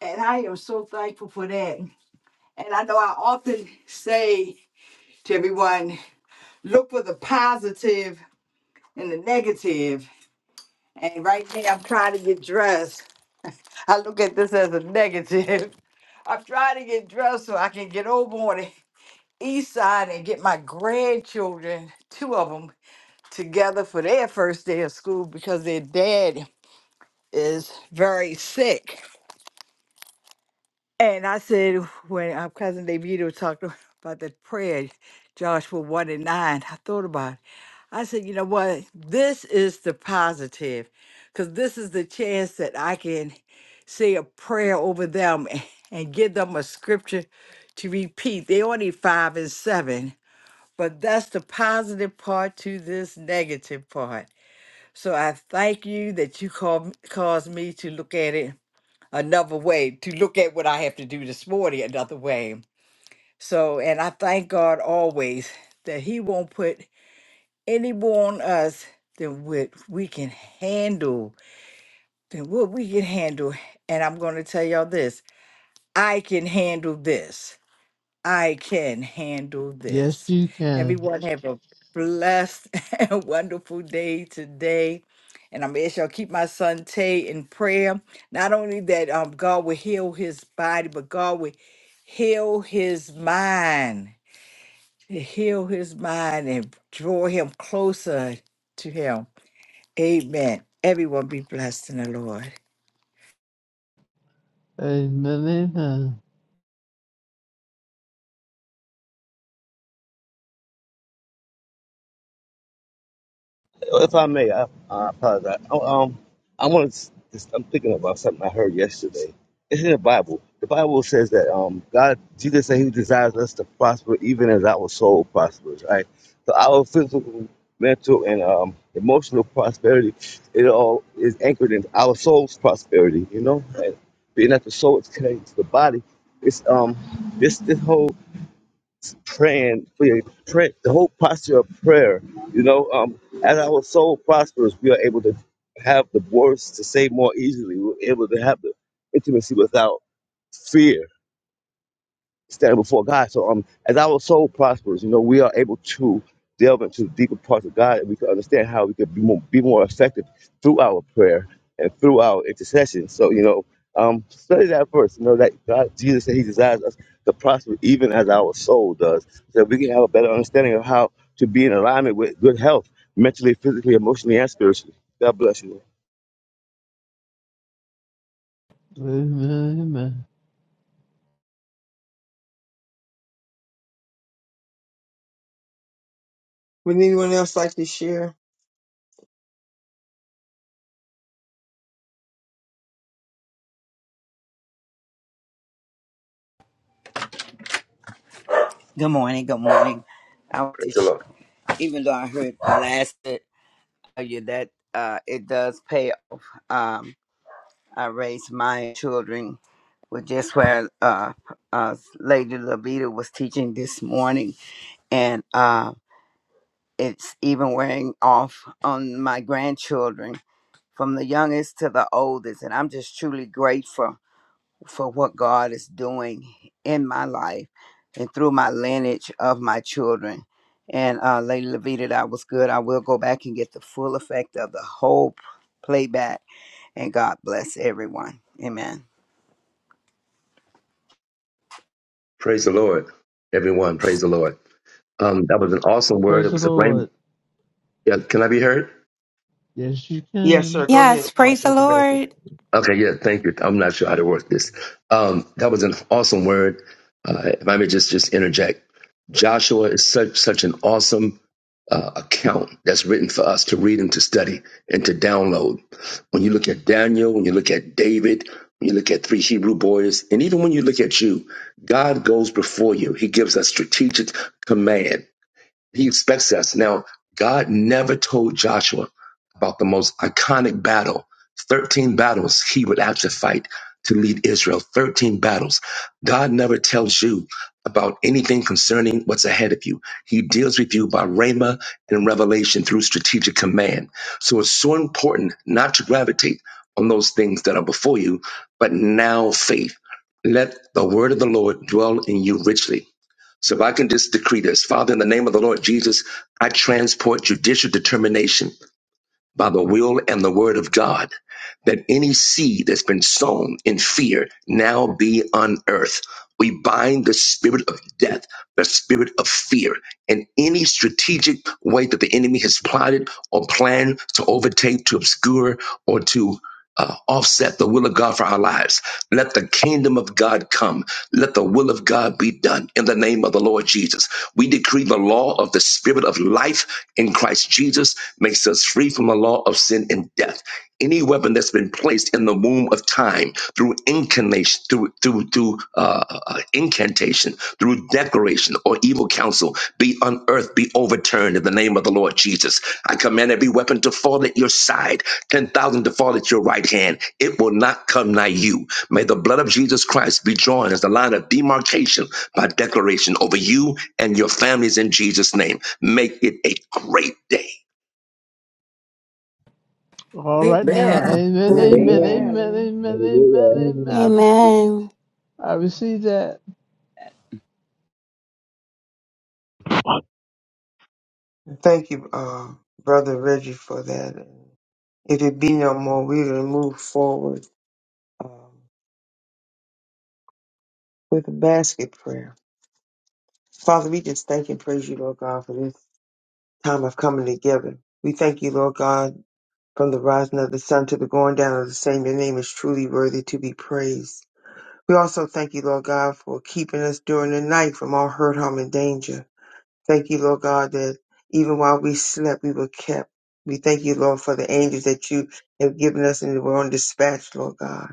F: And I am so thankful for that. And I know I often say to everyone, look for the positive and the negative. And right now, I'm trying to get dressed. I look at this as a negative. I'm trying to get dressed so I can get over on the east side and get my grandchildren, two of them. together for their first day of school because their dad is very sick. And I said, when our cousin Davido talked about that prayer, Joshua 1 and 9, I thought about it. I said, you know what? This is the positive because this is the chance that I can say a prayer over them a- and give them a scripture to repeat. They only five and seven, but that's the positive part to this negative part. So I thank you that you call, caused me to look at it another way, to look at what I have to do this morning another way. So, and I thank God always that He won't put any more on us than what we can handle, than what we can handle. And I'm going to tell y'all this I can handle this. I can handle
D: Yes,
F: this.
D: you can.
F: Everyone have a blessed and wonderful day today. And I'm going to keep my son Tay in prayer. Not only that um, God will heal his body, but God will heal his mind. Heal his mind and draw him closer to him. Amen. Everyone be blessed in the Lord.
D: Amen, amen.
E: If I may, I, I apologize. Oh, Um, I want to. I'm thinking about something I heard yesterday. It's in the Bible. The Bible says that um, God, Jesus said He desires us to prosper, even as our soul prospers. Right. So our physical, mental, and um, emotional prosperity, it all is anchored in our soul's prosperity. You know, and being that the soul is connected to the body, it's um, this this whole praying for your pray, the whole posture of prayer. You know, um, as our soul prospers, we are able to have the words to say more easily. We're able to have the intimacy without fear standing before God. So um, as our soul prospers, you know, we are able to delve into the deeper parts of God, and we can understand how we can be more, be more effective through our prayer and through our intercession. So you know, um, study that verse. You know that God, Jesus said He desires us to prosper even as our soul does, so we can have a better understanding of how to be in alignment with good health, mentally, physically, emotionally, and spiritually. God bless you.
D: Amen, amen.
B: Would anyone else like to share?
G: Good morning. Good morning. I want
H: Praise
G: to,
H: the
G: sh-
H: Lord.
G: even though I heard last it, tell you that uh, it does pay off. Um, I raised my children, with just where uh, uh, Lady Levita was teaching this morning, and uh, it's even wearing off on my grandchildren, from the youngest to the oldest, and I'm just truly grateful for what God is doing in my life and through my lineage of my children. And uh, Lady Levita, that was good. I will go back and get the full effect of the whole p- playback. And God bless everyone. Amen.
H: Praise the Lord. Everyone, praise the Lord. Um, that was an awesome word.
D: Praise
H: It
D: the
H: was a rain.
D: Lord.
H: Yeah, can I be heard?
D: Yes, you
B: Yes,
D: can.
B: sir. Go
I: Yes,
B: ahead.
I: praise the Lord.
H: Okay, yeah, thank you. I'm not sure how to work this. Um, that was an awesome word. Uh, if I may just just interject, Joshua is such such an awesome uh, account that's written for us to read and to study and to download. When you look at Daniel, when you look at David, when you look at three Hebrew boys, and even when you look at you, God goes before you. He gives us strategic command He expects us. Now, God never told Joshua about the most iconic battle, 13 battles he would have to fight to lead Israel, 13 battles. God never tells you about anything concerning what's ahead of you. He deals with you by rhema and revelation through strategic command. So it's so important not to gravitate on those things that are before you, but now faith. Let the word of the Lord dwell in you richly so if I can just decree this, Father, in the name of the Lord Jesus, I transport judicial determination by the will and the word of God that any seed that's been sown in fear now be unearthed. We bind the spirit of death, the spirit of fear, and any strategic way that the enemy has plotted or planned to overtake, to obscure, or to uh, offset the will of God for our lives. Let the kingdom of God come. Let the will of God be done in the name of the Lord Jesus. We decree the law of the spirit of life in Christ Jesus makes us free from the law of sin and death. Any weapon that's been placed in the womb of time through incarnation, through through through uh, uh, incantation, through declaration or evil counsel, be unearthed, be overturned in the name of the Lord Jesus. I command every weapon to fall at your side, ten thousand to fall at your right hand. It will not come nigh you. May the blood of Jesus Christ be drawn as the line of demarcation by declaration over you and your families in Jesus' name. Make it a great day.
D: All right now,
F: Amen.
D: amen,
C: Amen.
D: amen,
B: Amen.
E: Amen.
D: amen,
J: Amen.
D: amen, amen,
E: Hallelujah.
D: amen. I
B: Amen.
D: receive,
I: Amen.
D: I receive that.
B: Thank you, uh, Brother Reggie, for that. If it be no more, we will move forward um, with a basket prayer. Father, we just thank and praise you, Lord God, for this time of coming together. We thank you, Lord God, from the rising of the sun to the going down of the same. Your name is truly worthy to be praised. We also thank you, Lord God, for keeping us during the night from all hurt, harm, and danger. Thank you, Lord God, that even while we slept, we were kept. We thank you, Lord, for the angels that you have given us and were on dispatch, Lord God.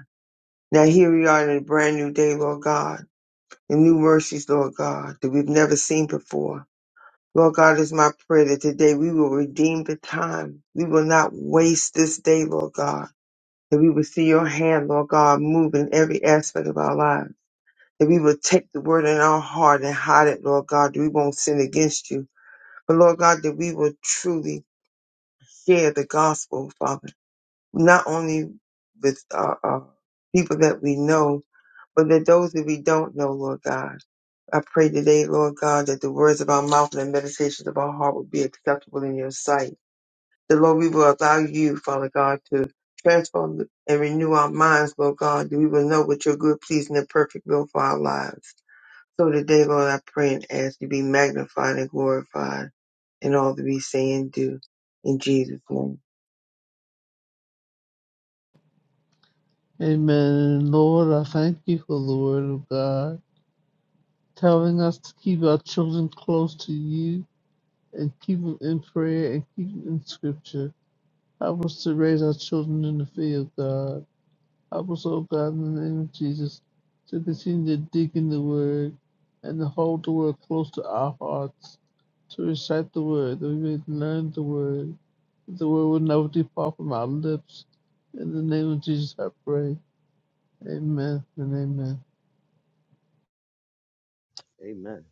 B: Now here we are in a brand new day, Lord God, and new mercies, Lord God, that we've never seen before. Lord God, it's my prayer that today we will redeem the time. We will not waste this day, Lord God, that we will see your hand, Lord God, move in every aspect of our lives. That we will take the word in our heart and hide it, Lord God, that we won't sin against you but Lord God, that we will truly share the gospel, Father, not only with uh, uh, people that we know, but that those that we don't know, Lord God. I pray today, Lord God, that the words of our mouth and the meditations of our heart will be acceptable in your sight. That, Lord, we will allow you, Father God, to transform and renew our minds, Lord God, that we will know what your good, pleasing, and perfect will for our lives. So today, Lord, I pray and ask you to be magnified and glorified and all that we say and do. In Jesus' name.
D: Amen. Lord, I thank you for the word of God telling us to keep our children close to you and keep them in prayer and keep them in scripture. Help us to raise our children in the fear of God. Help us, O God, in the name of Jesus, to continue to dig in the Word and to hold the Word close to our hearts, to recite the Word, that we may learn the Word, that the Word will never depart from our lips. In the name of Jesus, I pray. Amen and amen.
E: Amen.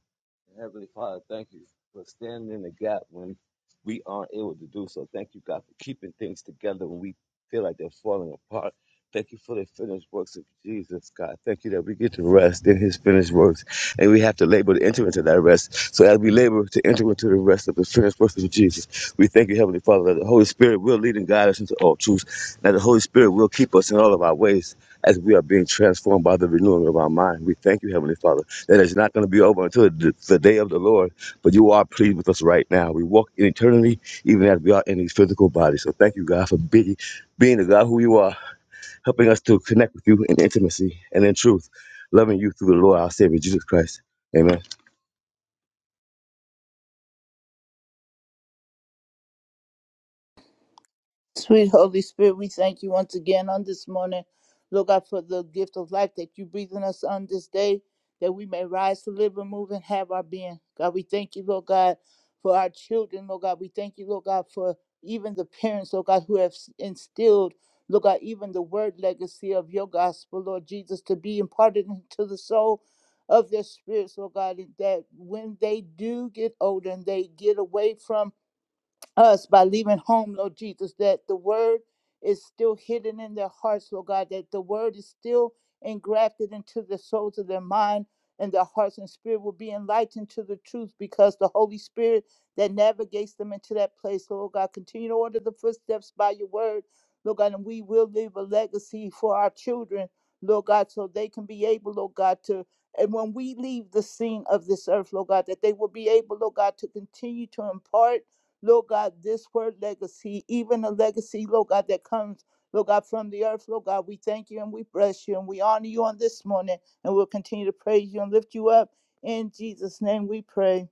E: Heavenly Father, thank you for standing in the gap when we aren't able to do so. Thank you, God, for keeping things together when we feel like they're falling apart. Thank you for the finished works of Jesus, God. Thank you that we get to rest in his finished works and we have to labor to enter into that rest. So as we labor to enter into the rest of the finished work of Jesus, we thank you, Heavenly Father, that the Holy Spirit will lead and guide us into all truth, and that the Holy Spirit will keep us in all of our ways as we are being transformed by the renewing of our mind. We thank you, Heavenly Father, that it's not going to be over until the, the day of the Lord, but you are pleased with us right now. We walk in eternity, even as we are in these physical bodies. So thank you, God, for being, being the God who you are helping us to connect with you in intimacy and in truth, loving you through the Lord our Savior Jesus Christ. Amen.
K: Sweet Holy Spirit, we thank you once again on this morning. Lord God, for the gift of life that you breathe in us on this day, that we may rise to live and move and have our being. God, we thank you, Lord God, for our children, Lord God. We thank you, Lord God, for even the parents, Lord God, who have instilled, Lord God, even the word legacy of your gospel, Lord Jesus, to be imparted into the soul of their spirits, Lord God, that when they do get older and they get away from us by leaving home, Lord Jesus, that the word is still hidden in their hearts, Lord God, that the word is still engrafted into the souls of their mind and their hearts and spirit will be enlightened to the truth because the Holy Spirit that navigates them into that place, Lord God, continue to order the footsteps by your word, Lord God, and we will leave a legacy for our children, Lord God, so they can be able, Lord God, to and when we leave the scene of this earth, Lord God, that they will be able, Lord God, to continue to impart Lord God, this word legacy, even a legacy, Lord God, that comes, Lord God, from the earth. Lord God, we thank you and we bless you and we honor you on this morning and we'll continue to praise you and lift you up. In Jesus' name we pray.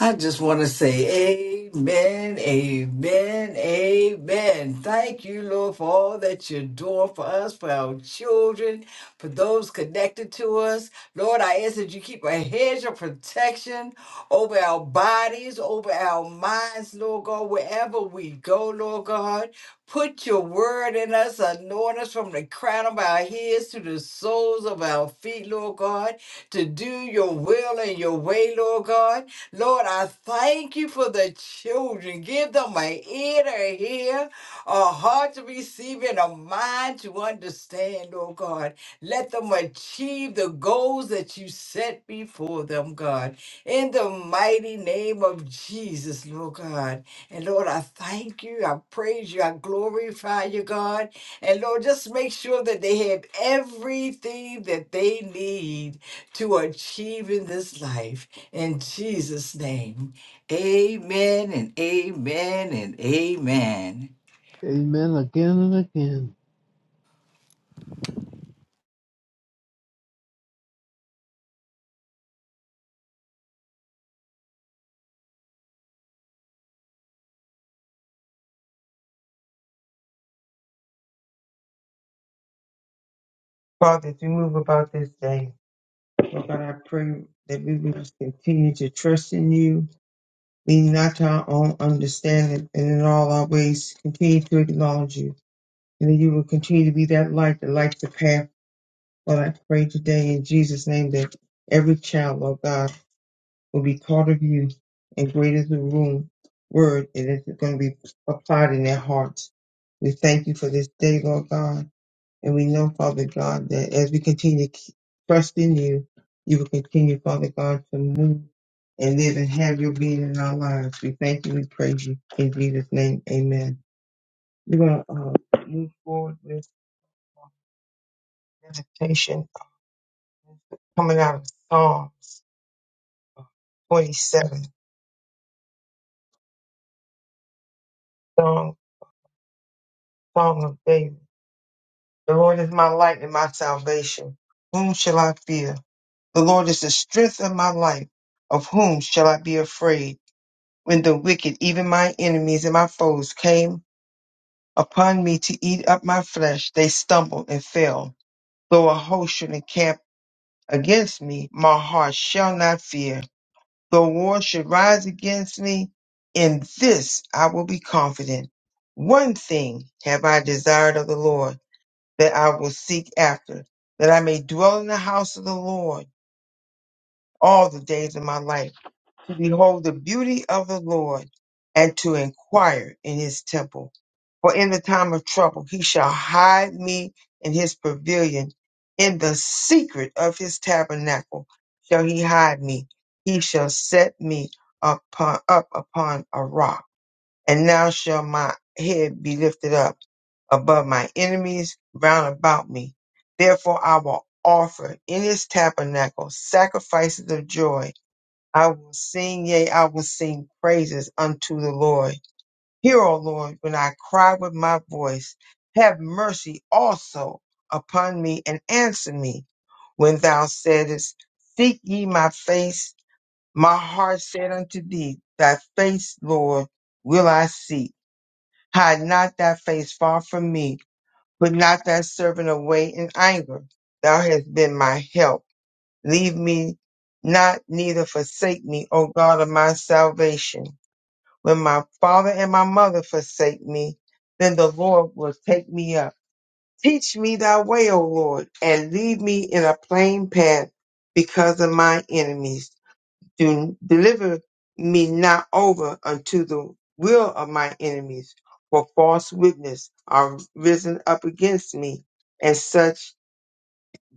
F: I just want to say amen, amen, amen. Thank you, Lord, for all that you're doing for us, for our children, for those connected to us. Lord, I ask that you keep a hedge of protection over our bodies, over our minds, Lord God, wherever we go, Lord God. Put your word in us, anoint us from the crown of our heads to the soles of our feet, Lord God, to do your will and your way, Lord God. Lord, I thank you for the children. Give them an ear to hear, a heart to receive, and a mind to understand, oh God. Let them achieve the goals that you set before them, God. In the mighty name of Jesus, Lord God. And Lord, I thank you. I praise you. I glorify you, God. And Lord, just make sure that they have everything that they need to achieve in this life. In Jesus' name, amen and amen and amen.
D: Amen again and again.
B: Father, as we move about this day, Lord God, I pray that we will just continue to trust in you, lean not to our own understanding, and in all our ways continue to acknowledge you, and that you will continue to be that light that lights the path. Lord, I pray today in Jesus' name that every child, Lord God, will be taught of you, and great is the room word, and it's going to be applied in their hearts. We thank you for this day, Lord God. And we know, Father God, that as we continue to keep- trust in you, you will continue, Father God, to move and live and have your being in our lives. We thank you. We praise you. In Jesus' name, amen. We're going to uh, move forward with uh, meditation coming out of Psalms uh, 27, Song, Song of David. The Lord is my light and my salvation. Whom shall I fear? The Lord is the strength of my life. Of whom shall I be afraid? when the wicked, even my enemies and my foes, came upon me to eat up my flesh, they stumbled and fell. Though a host should encamp against me, my heart shall not fear. Though war should rise against me, in this I will be confident. One thing have I desired of the Lord, that I will seek after, that I may dwell in the house of the Lord all the days of my life to behold the beauty of the Lord and to inquire in his temple. For in the time of trouble he shall hide me in his pavilion. In the secret of his tabernacle shall he hide me. He shall set me upon, up upon a rock. And now shall my head be lifted up above my enemies round about me. Therefore I will offer in his tabernacle sacrifices of joy I will sing, yea, I will sing praises unto the Lord. Hear, O Lord, when I cry with my voice. Have mercy also upon me and answer me. When thou saidest, Seek ye my face, my heart said unto thee, Thy face, Lord, will I seek. Hide not thy face far from me. Put not thy servant away in anger. Thou hast been my help. Leave me not, neither forsake me, O God of my salvation. When my father and my mother forsake me, then the Lord will take me up. Teach me thy way, O Lord, and lead me in a plain path because of my enemies. Do, deliver me not over unto the will of my enemies, for false witness are risen up against me, and such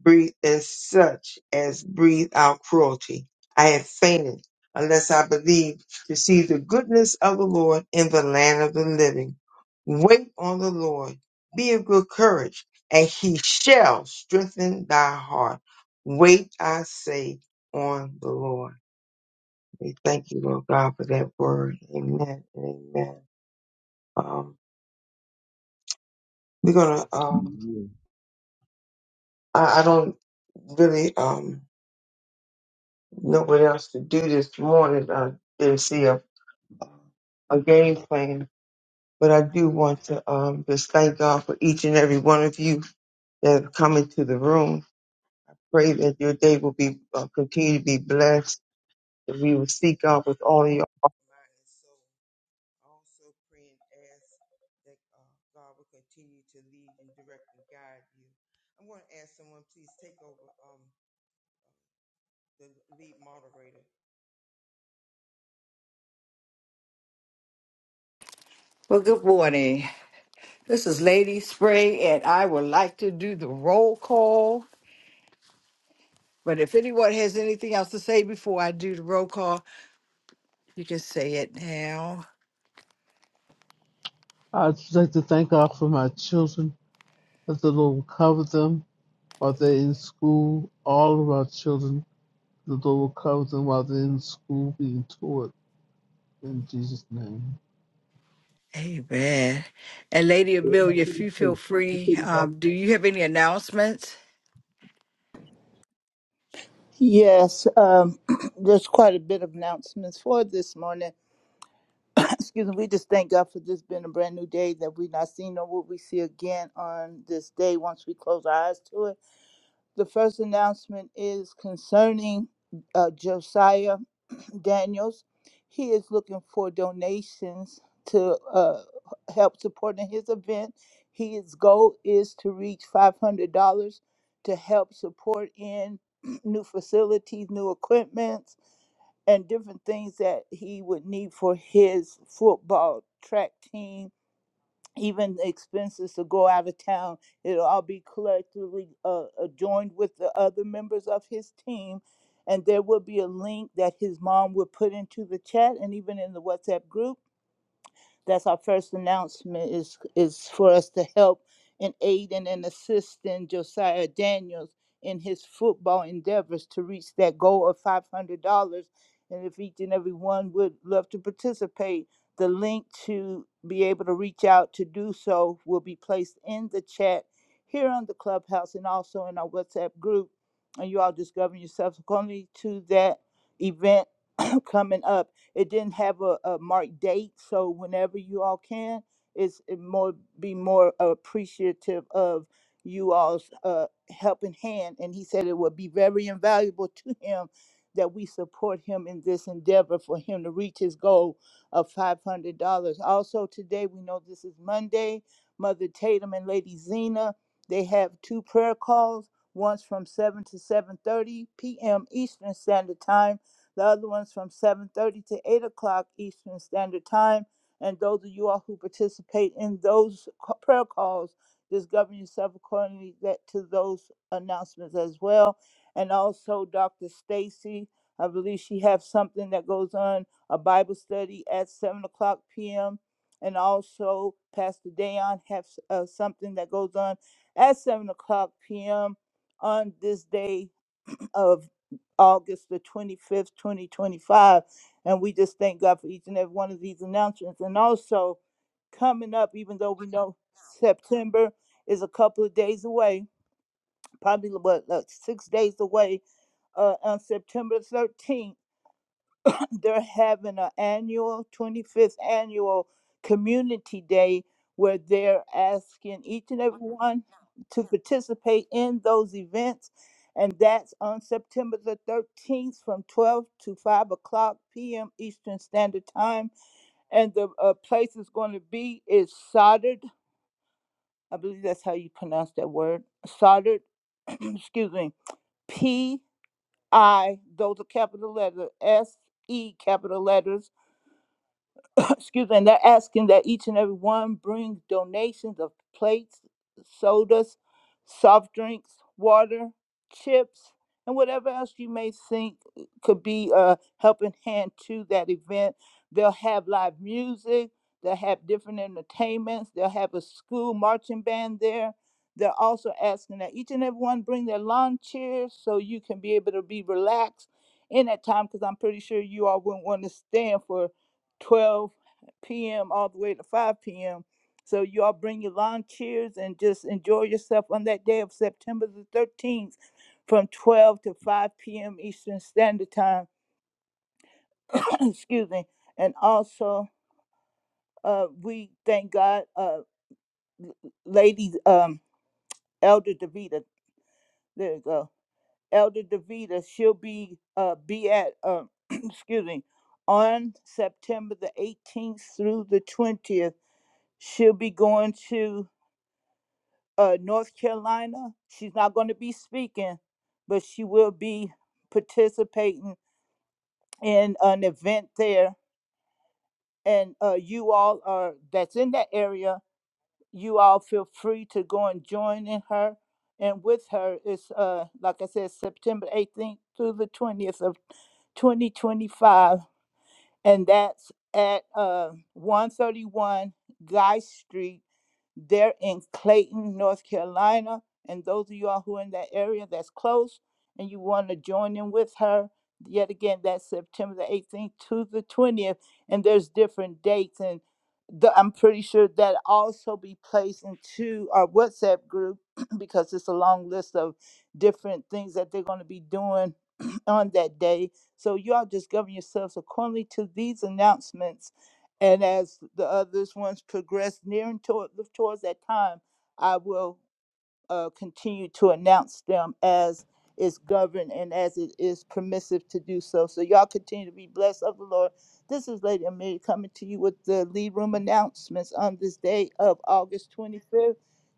B: breathe as such as breathe out cruelty. I had fainted unless I believed to see the goodness of the Lord in the land of the living. Wait on the Lord, be of good courage, and he shall strengthen thy heart. Wait, I say, on the Lord. We thank you, Lord God, for that word. Amen and amen. Um, we're gonna. Um, I, I don't really. Um, no one else to do this morning. I didn't see a, a game plan, but I do want to um, just thank God for each and every one of you that have come into the room. Pray that your day will be uh, continue to be blessed. That we will seek God with all your heart. mind, and soul. I Also pray and ask that uh, God will continue to lead and direct and guide you. I'm going to ask someone, please take over um, the lead moderator.
F: Well, good morning. This is Lady Spray, and I would like to do the roll call. But if anyone has anything else to say before I do the roll call, you can say it now.
D: I'd just like to thank God for my children, that the Lord will cover them while they're in school, all of our children The Lord covers them while they're in school being taught in Jesus' name.
F: Amen. And Lady Amelia, if you feel free, um, do you have any announcements?
K: Yes, um, there's quite a bit of announcements for this morning. Excuse me, we just thank God for this being a brand new day that we've not seen or will we see again on this day once we close our eyes to it. The first announcement is concerning uh, Josiah. Daniels. He is looking for donations to uh, help supporting his event. His goal is to reach $500 to help support in new facilities, new equipments, and different things that he would need for his football track team even the expenses to go out of town, it'll all be collectively uh, uh, joined with the other members of his team. And there will be a link that his mom will put into the chat and even in the WhatsApp group. That's our first announcement is is for us to help and aid and, and assist in Josiah Daniels in his football endeavors to reach that goal of five hundred dollars. And if each and every one would love to participate, the link to be able to reach out to do so will be placed in the chat here on the clubhouse and also in our WhatsApp group. And you all just govern yourselves accordingly to that event coming up. It didn't have a, a marked date, so whenever you all can, it's it more be more appreciative of you all's uh, helping hand. And he said it would be very invaluable to him that we support him in this endeavor for him to reach his goal of five hundred dollars. Also today, we know this is Monday. Mother Tatum and Lady Zena, they have two prayer calls. Once from seven to seven thirty p.m. Eastern Standard Time the other one's from 7:30 to 8 o'clock Eastern Standard Time. And those of you all who participate in those c- prayer calls, just govern yourself accordingly that to those announcements as well. And also, Dr. Stacy, I believe she has something that goes on a Bible study at 7 o'clock p.m. And also, Pastor Dayon has uh, something that goes on at 7 o'clock p.m. on this day of August the 25th, 2025. And we just thank God for each and every one of these announcements. And also, coming up, even though we know September is a couple of days away, probably what, like six days away, uh, on September 13th they're having an annual 25th annual community day where they're asking each and every one to participate in those events and that's on september the 13th from 12 to 5 o'clock p.m eastern standard time and the uh, place is going to be is soldered i believe that's how you pronounce that word soldered excuse me p i those are capital letters s e capital letters excuse me, and they're asking that each and every one bring donations of plates, sodas, soft drinks, water, chips, and whatever else you may think could be a helping hand to that event. They'll have live music, they'll have different entertainments, they'll have a school marching band there. They're also asking that each and every one bring their lawn chairs so you can be able to be relaxed in that time because I'm pretty sure you all wouldn't want to stand for 12 p.m. all the way to 5 p.m. So you all bring your lawn chairs and just enjoy yourself on that day of September the 13th from 12 to 5 p.m. Eastern Standard Time. Excuse me. And also, uh, we thank God, uh, Lady um, Elder Davita. There you go. Elder Davita, she'll be uh, be at, uh, excuse me, on September the 18th through the 20th. She'll be going to uh, North Carolina. She's not going to be speaking, but she will be participating in an event there. And uh, you all are that's in that area. You all feel free to go and join in her. And with her it's uh, like I said, September 18th through the 20th of 2025. and that's at uh, 131 Guy Street. They're in Clayton, North Carolina. And those of y'all who are in that area that's close and you want to join in with her, yet again, that's September the 18th to the 20th. And there's different dates. And the, I'm pretty sure that also be placed into our WhatsApp group because it's a long list of different things that they're going to be doing on that day so you all just govern yourselves accordingly to these announcements. And as the others ones progress nearing toward, towards that time, I will uh, continue to announce them as is governed and as it is permissive to do so. So y'all continue to be blessed of the Lord. This is Lady Amelia coming to you with the lead room announcements on this day of August 25th,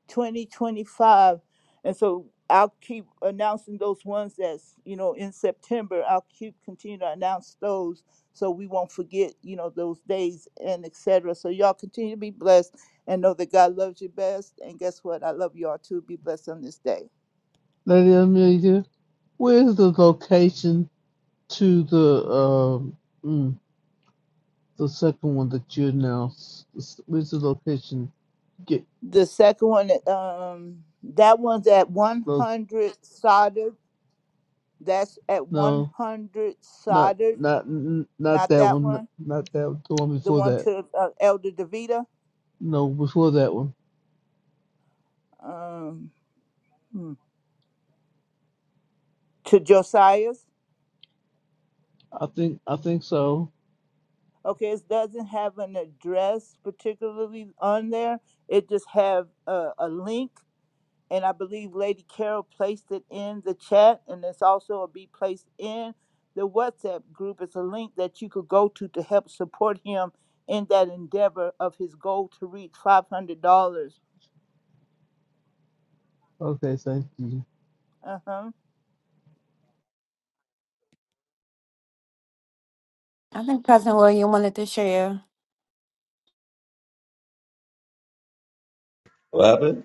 K: 2025. And so I'll keep announcing those ones that's, you know, in September. I'll keep continue to announce those so we won't forget, you know, those days and et cetera. So y'all continue to be blessed and know that God loves you best. And guess what? I love you all too. Be blessed on this day.
D: Lady Amelia, where's the location to the um mm, the second one that you announced? Where's the location? Get
K: The second one, um, that one's at
D: look
K: 100 soldered. That's at
D: no
K: 100
D: not
K: soldered.
D: not not
K: Not
D: that
K: that
D: one
K: one.
D: not that one, the one
K: The
D: before
K: one
D: that
K: to uh, Elder Davita,
D: no before that one
K: um, hmm, to Josiah.
D: I think I think so
K: Okay, it doesn't have an address particularly on there. It just have a, a link, and I believe Lady Carol placed it in the chat, and it's also will be placed in the WhatsApp group. It's a link that you could go to to help support him in that endeavor of his goal to reach five hundred dollars.
D: okay thank you
K: Uh huh.
I: I think Cousin William wanted to share.
E: What happened?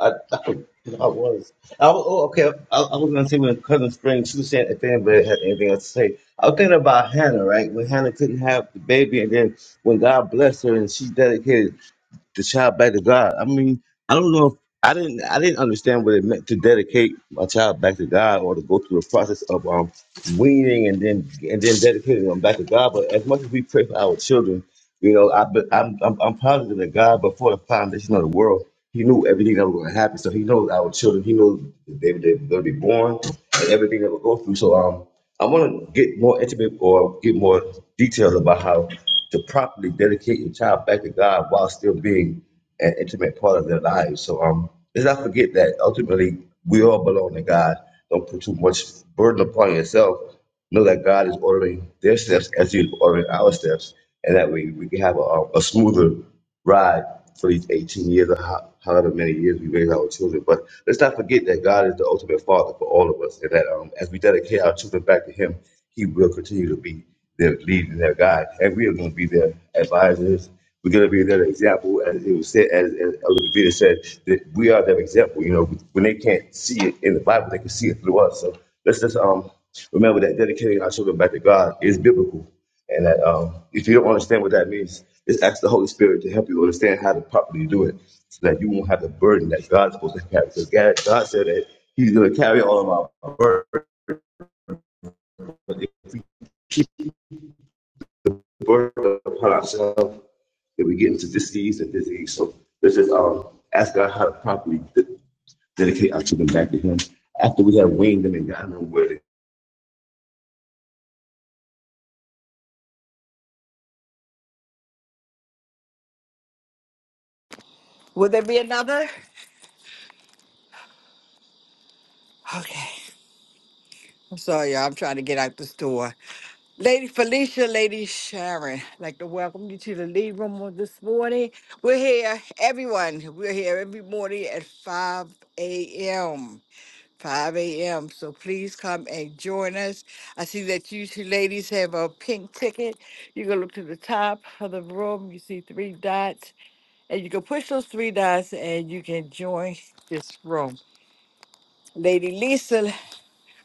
E: I, I, was- I was. I, was- oh, okay. I, I was going to say when Cousin Spring, she was saying if anybody had anything else to say. I was thinking about Hannah, right? When Hannah couldn't have the baby, and then when God blessed her and she dedicated the child back to God. I mean, I don't know if I didn't I didn't understand what it meant to dedicate my child back to God or to go through the process of um weaning and then and then dedicating them back to God. But as much as we pray for our children, you know, I, but I'm, I'm, I'm positive that God, before the foundation of the world, He knew everything that was going to happen. So He knows our children. He knows that they, they're going to be born and everything that will go through. So um, I want to get more intimate or get more details about how to properly dedicate your child back to God while still being an intimate part of their lives. So um, let's not forget that ultimately we all belong to God. Don't put too much burden upon yourself know that God is ordering their steps as He's ordering our steps, and that we, we can have a, a smoother ride for these 18 years or ho- however many years we raise our children. But let's not forget that God is the ultimate father for all of us, and that um, as we dedicate our children back to Him, He will continue to be their lead and their guide. And we are going to be their advisors. We're going to be their example. As it was said, as, as Elder Vita said, that we are their example. You know, when they can't see it in the Bible, they can see it through us. So let's just um, remember that dedicating our children back to God is biblical. And that um, if you don't understand what that means, just ask the Holy Spirit to help you understand how to properly do it so that you won't have the burden that God's supposed to carry. Because God, God said that He's going to carry all of our burden. But if we keep the burden upon ourselves, then we get into disease and disease. So let's just um, ask God how to properly de- dedicate our children back to Him after we have weaned them and gotten them where they
F: Will there be another? Okay. I'm sorry, y'all. I'm trying to get out the store. Lady Felicia, Lady Sharon, I'd like to welcome you to the lead room of this morning. We're here, everyone. We're here every morning at 5 a.m. 5 a.m. So please come and join us. I see that you two ladies have a pink ticket. You can look to the top of the room. You see three dots, and you can push those three dots and you can join this room. Lady Lisa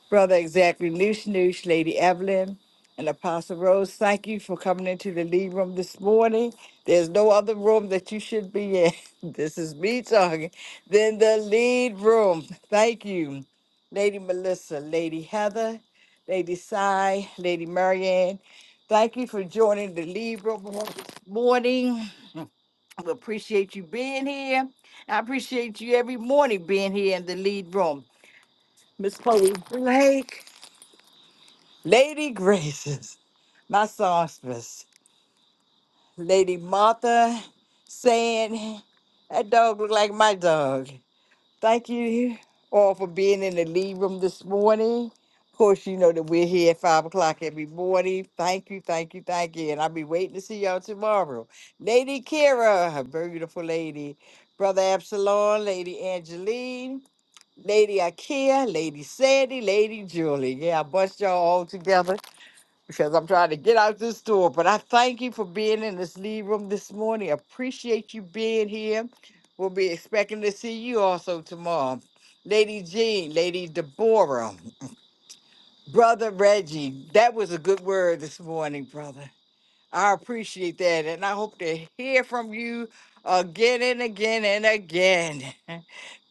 F: Brother Exactly Noosh Noosh, Lady Evelyn, and Apostle Rose, thank you for coming into the lead room this morning. There's no other room that you should be in. This is me talking. Then the lead room. Thank you. Lady Melissa, Lady Heather, Lady Cy, Lady Marianne. Thank you for joining the lead room on this morning. We appreciate you being here. I appreciate you every morning being here in the lead room. Miss Chloe Blake. Lady Graces, my songstress, Lady Martha, saying that dog looked like my dog. Thank you all for being in the lead room this morning. Of course, you know that we're here at five o'clock every morning. Thank you, thank you, thank you. And I'll be waiting to see y'all tomorrow. Lady Kira, a beautiful lady. Brother Absalom, Lady Angeline, Lady Ikea, Lady Sandy, Lady Julie. Yeah, I bust y'all all together because I'm trying to get out this door. But I thank you for being in this lead room this morning. Appreciate you being here. We'll be expecting to see you also tomorrow. Lady Jean, Lady Deborah, Brother Reggie. That was a good word this morning, brother. I appreciate that. And I hope to hear from you again and again and again.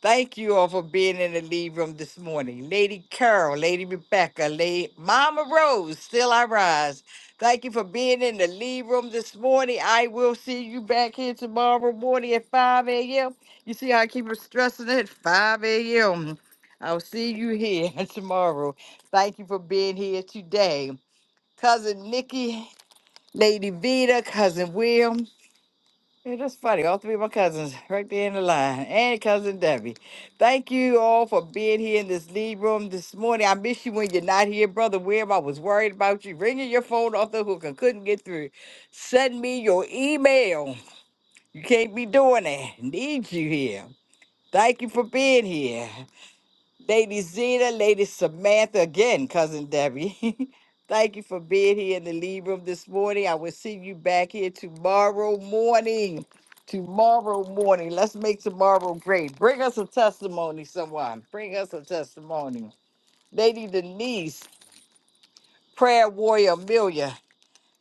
F: Thank you all for being in the lead room this morning. Lady Carol, Lady Rebecca, Lady Mama Rose, still I rise. Thank you for being in the lead room this morning. I will see you back here tomorrow morning at 5 a.m. You see how I keep stressing it? 5 a.m. I'll see you here tomorrow. Thank you for being here today. Cousin Nikki, Lady Vita, Cousin Will. Yeah, that's funny. All three of my cousins right there in the line, and cousin Debbie. Thank you all for being here in this lead room this morning. I miss you when you're not here, brother. Where I was worried about you, ringing your phone off the hook and couldn't get through. Send me your email. You can't be doing that. Need you here. Thank you for being here. Lady Zena, Lady Samantha, again, Cousin Debbie. Thank you for being here in the lead room this morning. I will see you back here tomorrow morning. Tomorrow morning. Let's make tomorrow great. Bring us a testimony, someone. Bring us a testimony. Lady Denise, prayer warrior Amelia.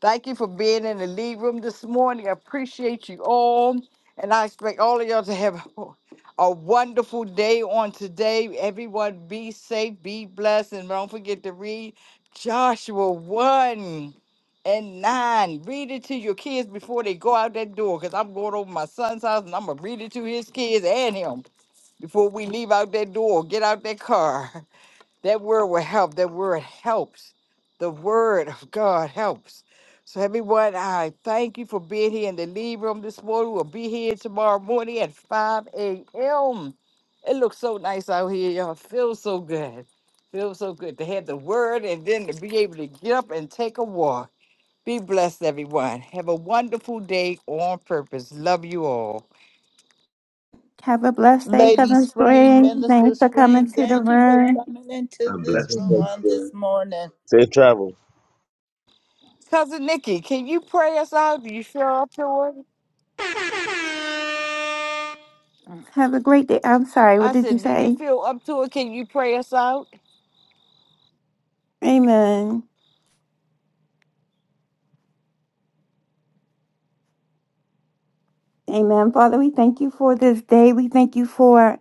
F: Thank you for being in the lead room this morning. I appreciate you all. And I expect all of y'all to have a wonderful day on today. Everyone be safe, be blessed, and don't forget to read Joshua 1 and 9. Read it to your kids before they go out that door because I'm going over my son's house and I'm going to read it to his kids and him before we leave out that door, get out that car. That word will help. That word helps. The word of God helps. So, everyone, I thank you for being here in the lead room this morning. We'll be here tomorrow morning at 5 a.m. It looks so nice out here, y'all. Feels so good. Feels so good to have the word and then to be able to get up and take a walk. Be blessed, everyone. Have a wonderful day on purpose. Love you all.
I: Have a blessed day,
K: Lady
I: Cousin
K: Spring,
I: Spring.
K: Minister
I: Thanks for
K: Spring,
I: coming to the
K: thank you for
I: room.
K: coming into
H: God bless.
K: this room on this morning.
E: Safe travel.
F: Cousin Nikki, can you pray us out? you sure up to it?
I: Have a great day. I'm sorry, what
F: I
I: did you
F: said, Do you
I: say?
F: feel up to it? Can you pray us out?
I: Amen. Amen. Father, we thank you for this day. We thank you for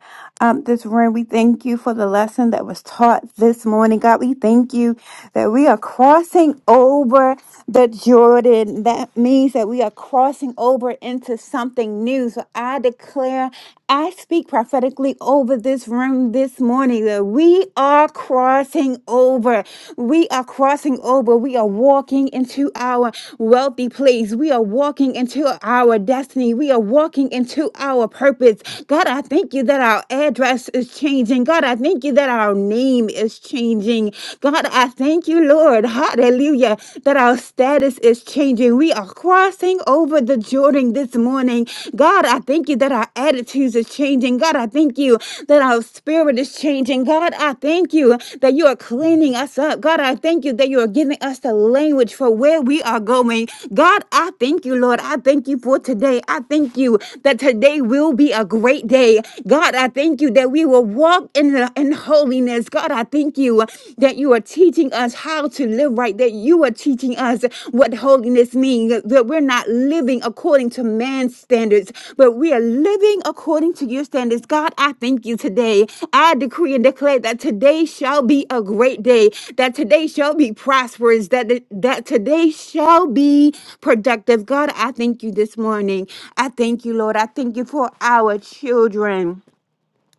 I: um, this room. We thank you for the lesson that was taught this morning. God, we thank you that we are crossing over the Jordan. That means that we are crossing over into something new. So I declare, I speak prophetically over this room this morning that we are crossing over. We are crossing over. We are walking into our wealthy place. We are walking into our destiny. We are walking into our purpose. God, I thank you that our our address is changing. God, I thank you that our name is changing. God, I thank you, Lord. Hallelujah. That our status is changing. We are crossing over the Jordan this morning. God, I thank you that our attitudes is changing. God, I thank you that our spirit is changing. God, I thank you that you are cleaning us up. God, I thank you that you are giving us the language for where we are going. God, I thank you, Lord. I thank you for today. I thank you that today will be a great day. God, God, I thank you that we will walk in, the, in holiness. God, I thank you that you are teaching us how to live right, that you are teaching us what holiness means, that we're not living according to man's standards, but we are living according to your standards. God, I thank you today. I decree and declare that today shall be a great day, that today shall be prosperous, that, that today shall be productive. God, I thank you this morning. I thank you, Lord. I thank you for our children.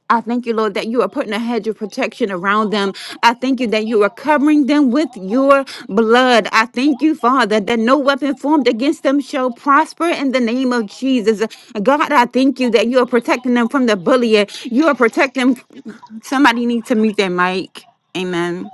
I: I thank you, Lord, that you are putting a hedge of protection around them. I thank you that you are covering them with your blood. I thank you, Father, that no weapon formed against them shall prosper in the name of Jesus. God, I thank you that you are protecting them from the bully. You are protecting. Somebody needs to mute their mic. Amen.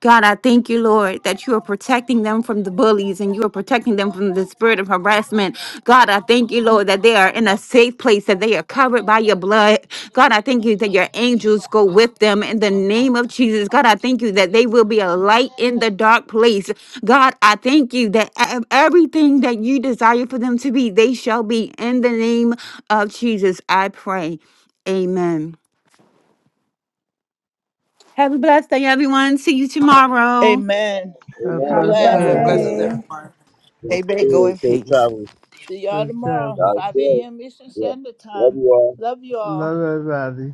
I: God, I thank you, Lord, that you are protecting them from the bullies and you are protecting them from the spirit of harassment. God, I thank you, Lord, that they are in a safe place, that they are covered by your blood. God, I thank you that your angels go with them in the name of Jesus. God, I thank you that they will be a light in the dark place. God, I thank you that ev- everything that you desire for them to be, they shall be in the name of Jesus. I pray. Amen. Have a blessed day, everyone. See you tomorrow.
K: Amen.
D: have a
K: Be
J: Have a
D: blessed
K: blessed.
J: blessed
E: Yes,
D: day
E: yeah.
C: Blessings,
J: day.
C: everyone.
F: Amen. Go in
E: Safe
F: peace.
E: travel.
K: See y'all
D: safe
K: tomorrow,
D: travel
K: 5 a.m. Eastern
E: Yeah.
K: Standard
E: Love
K: Time.
E: you all.
K: Love you
D: I
K: all.
D: love everybody.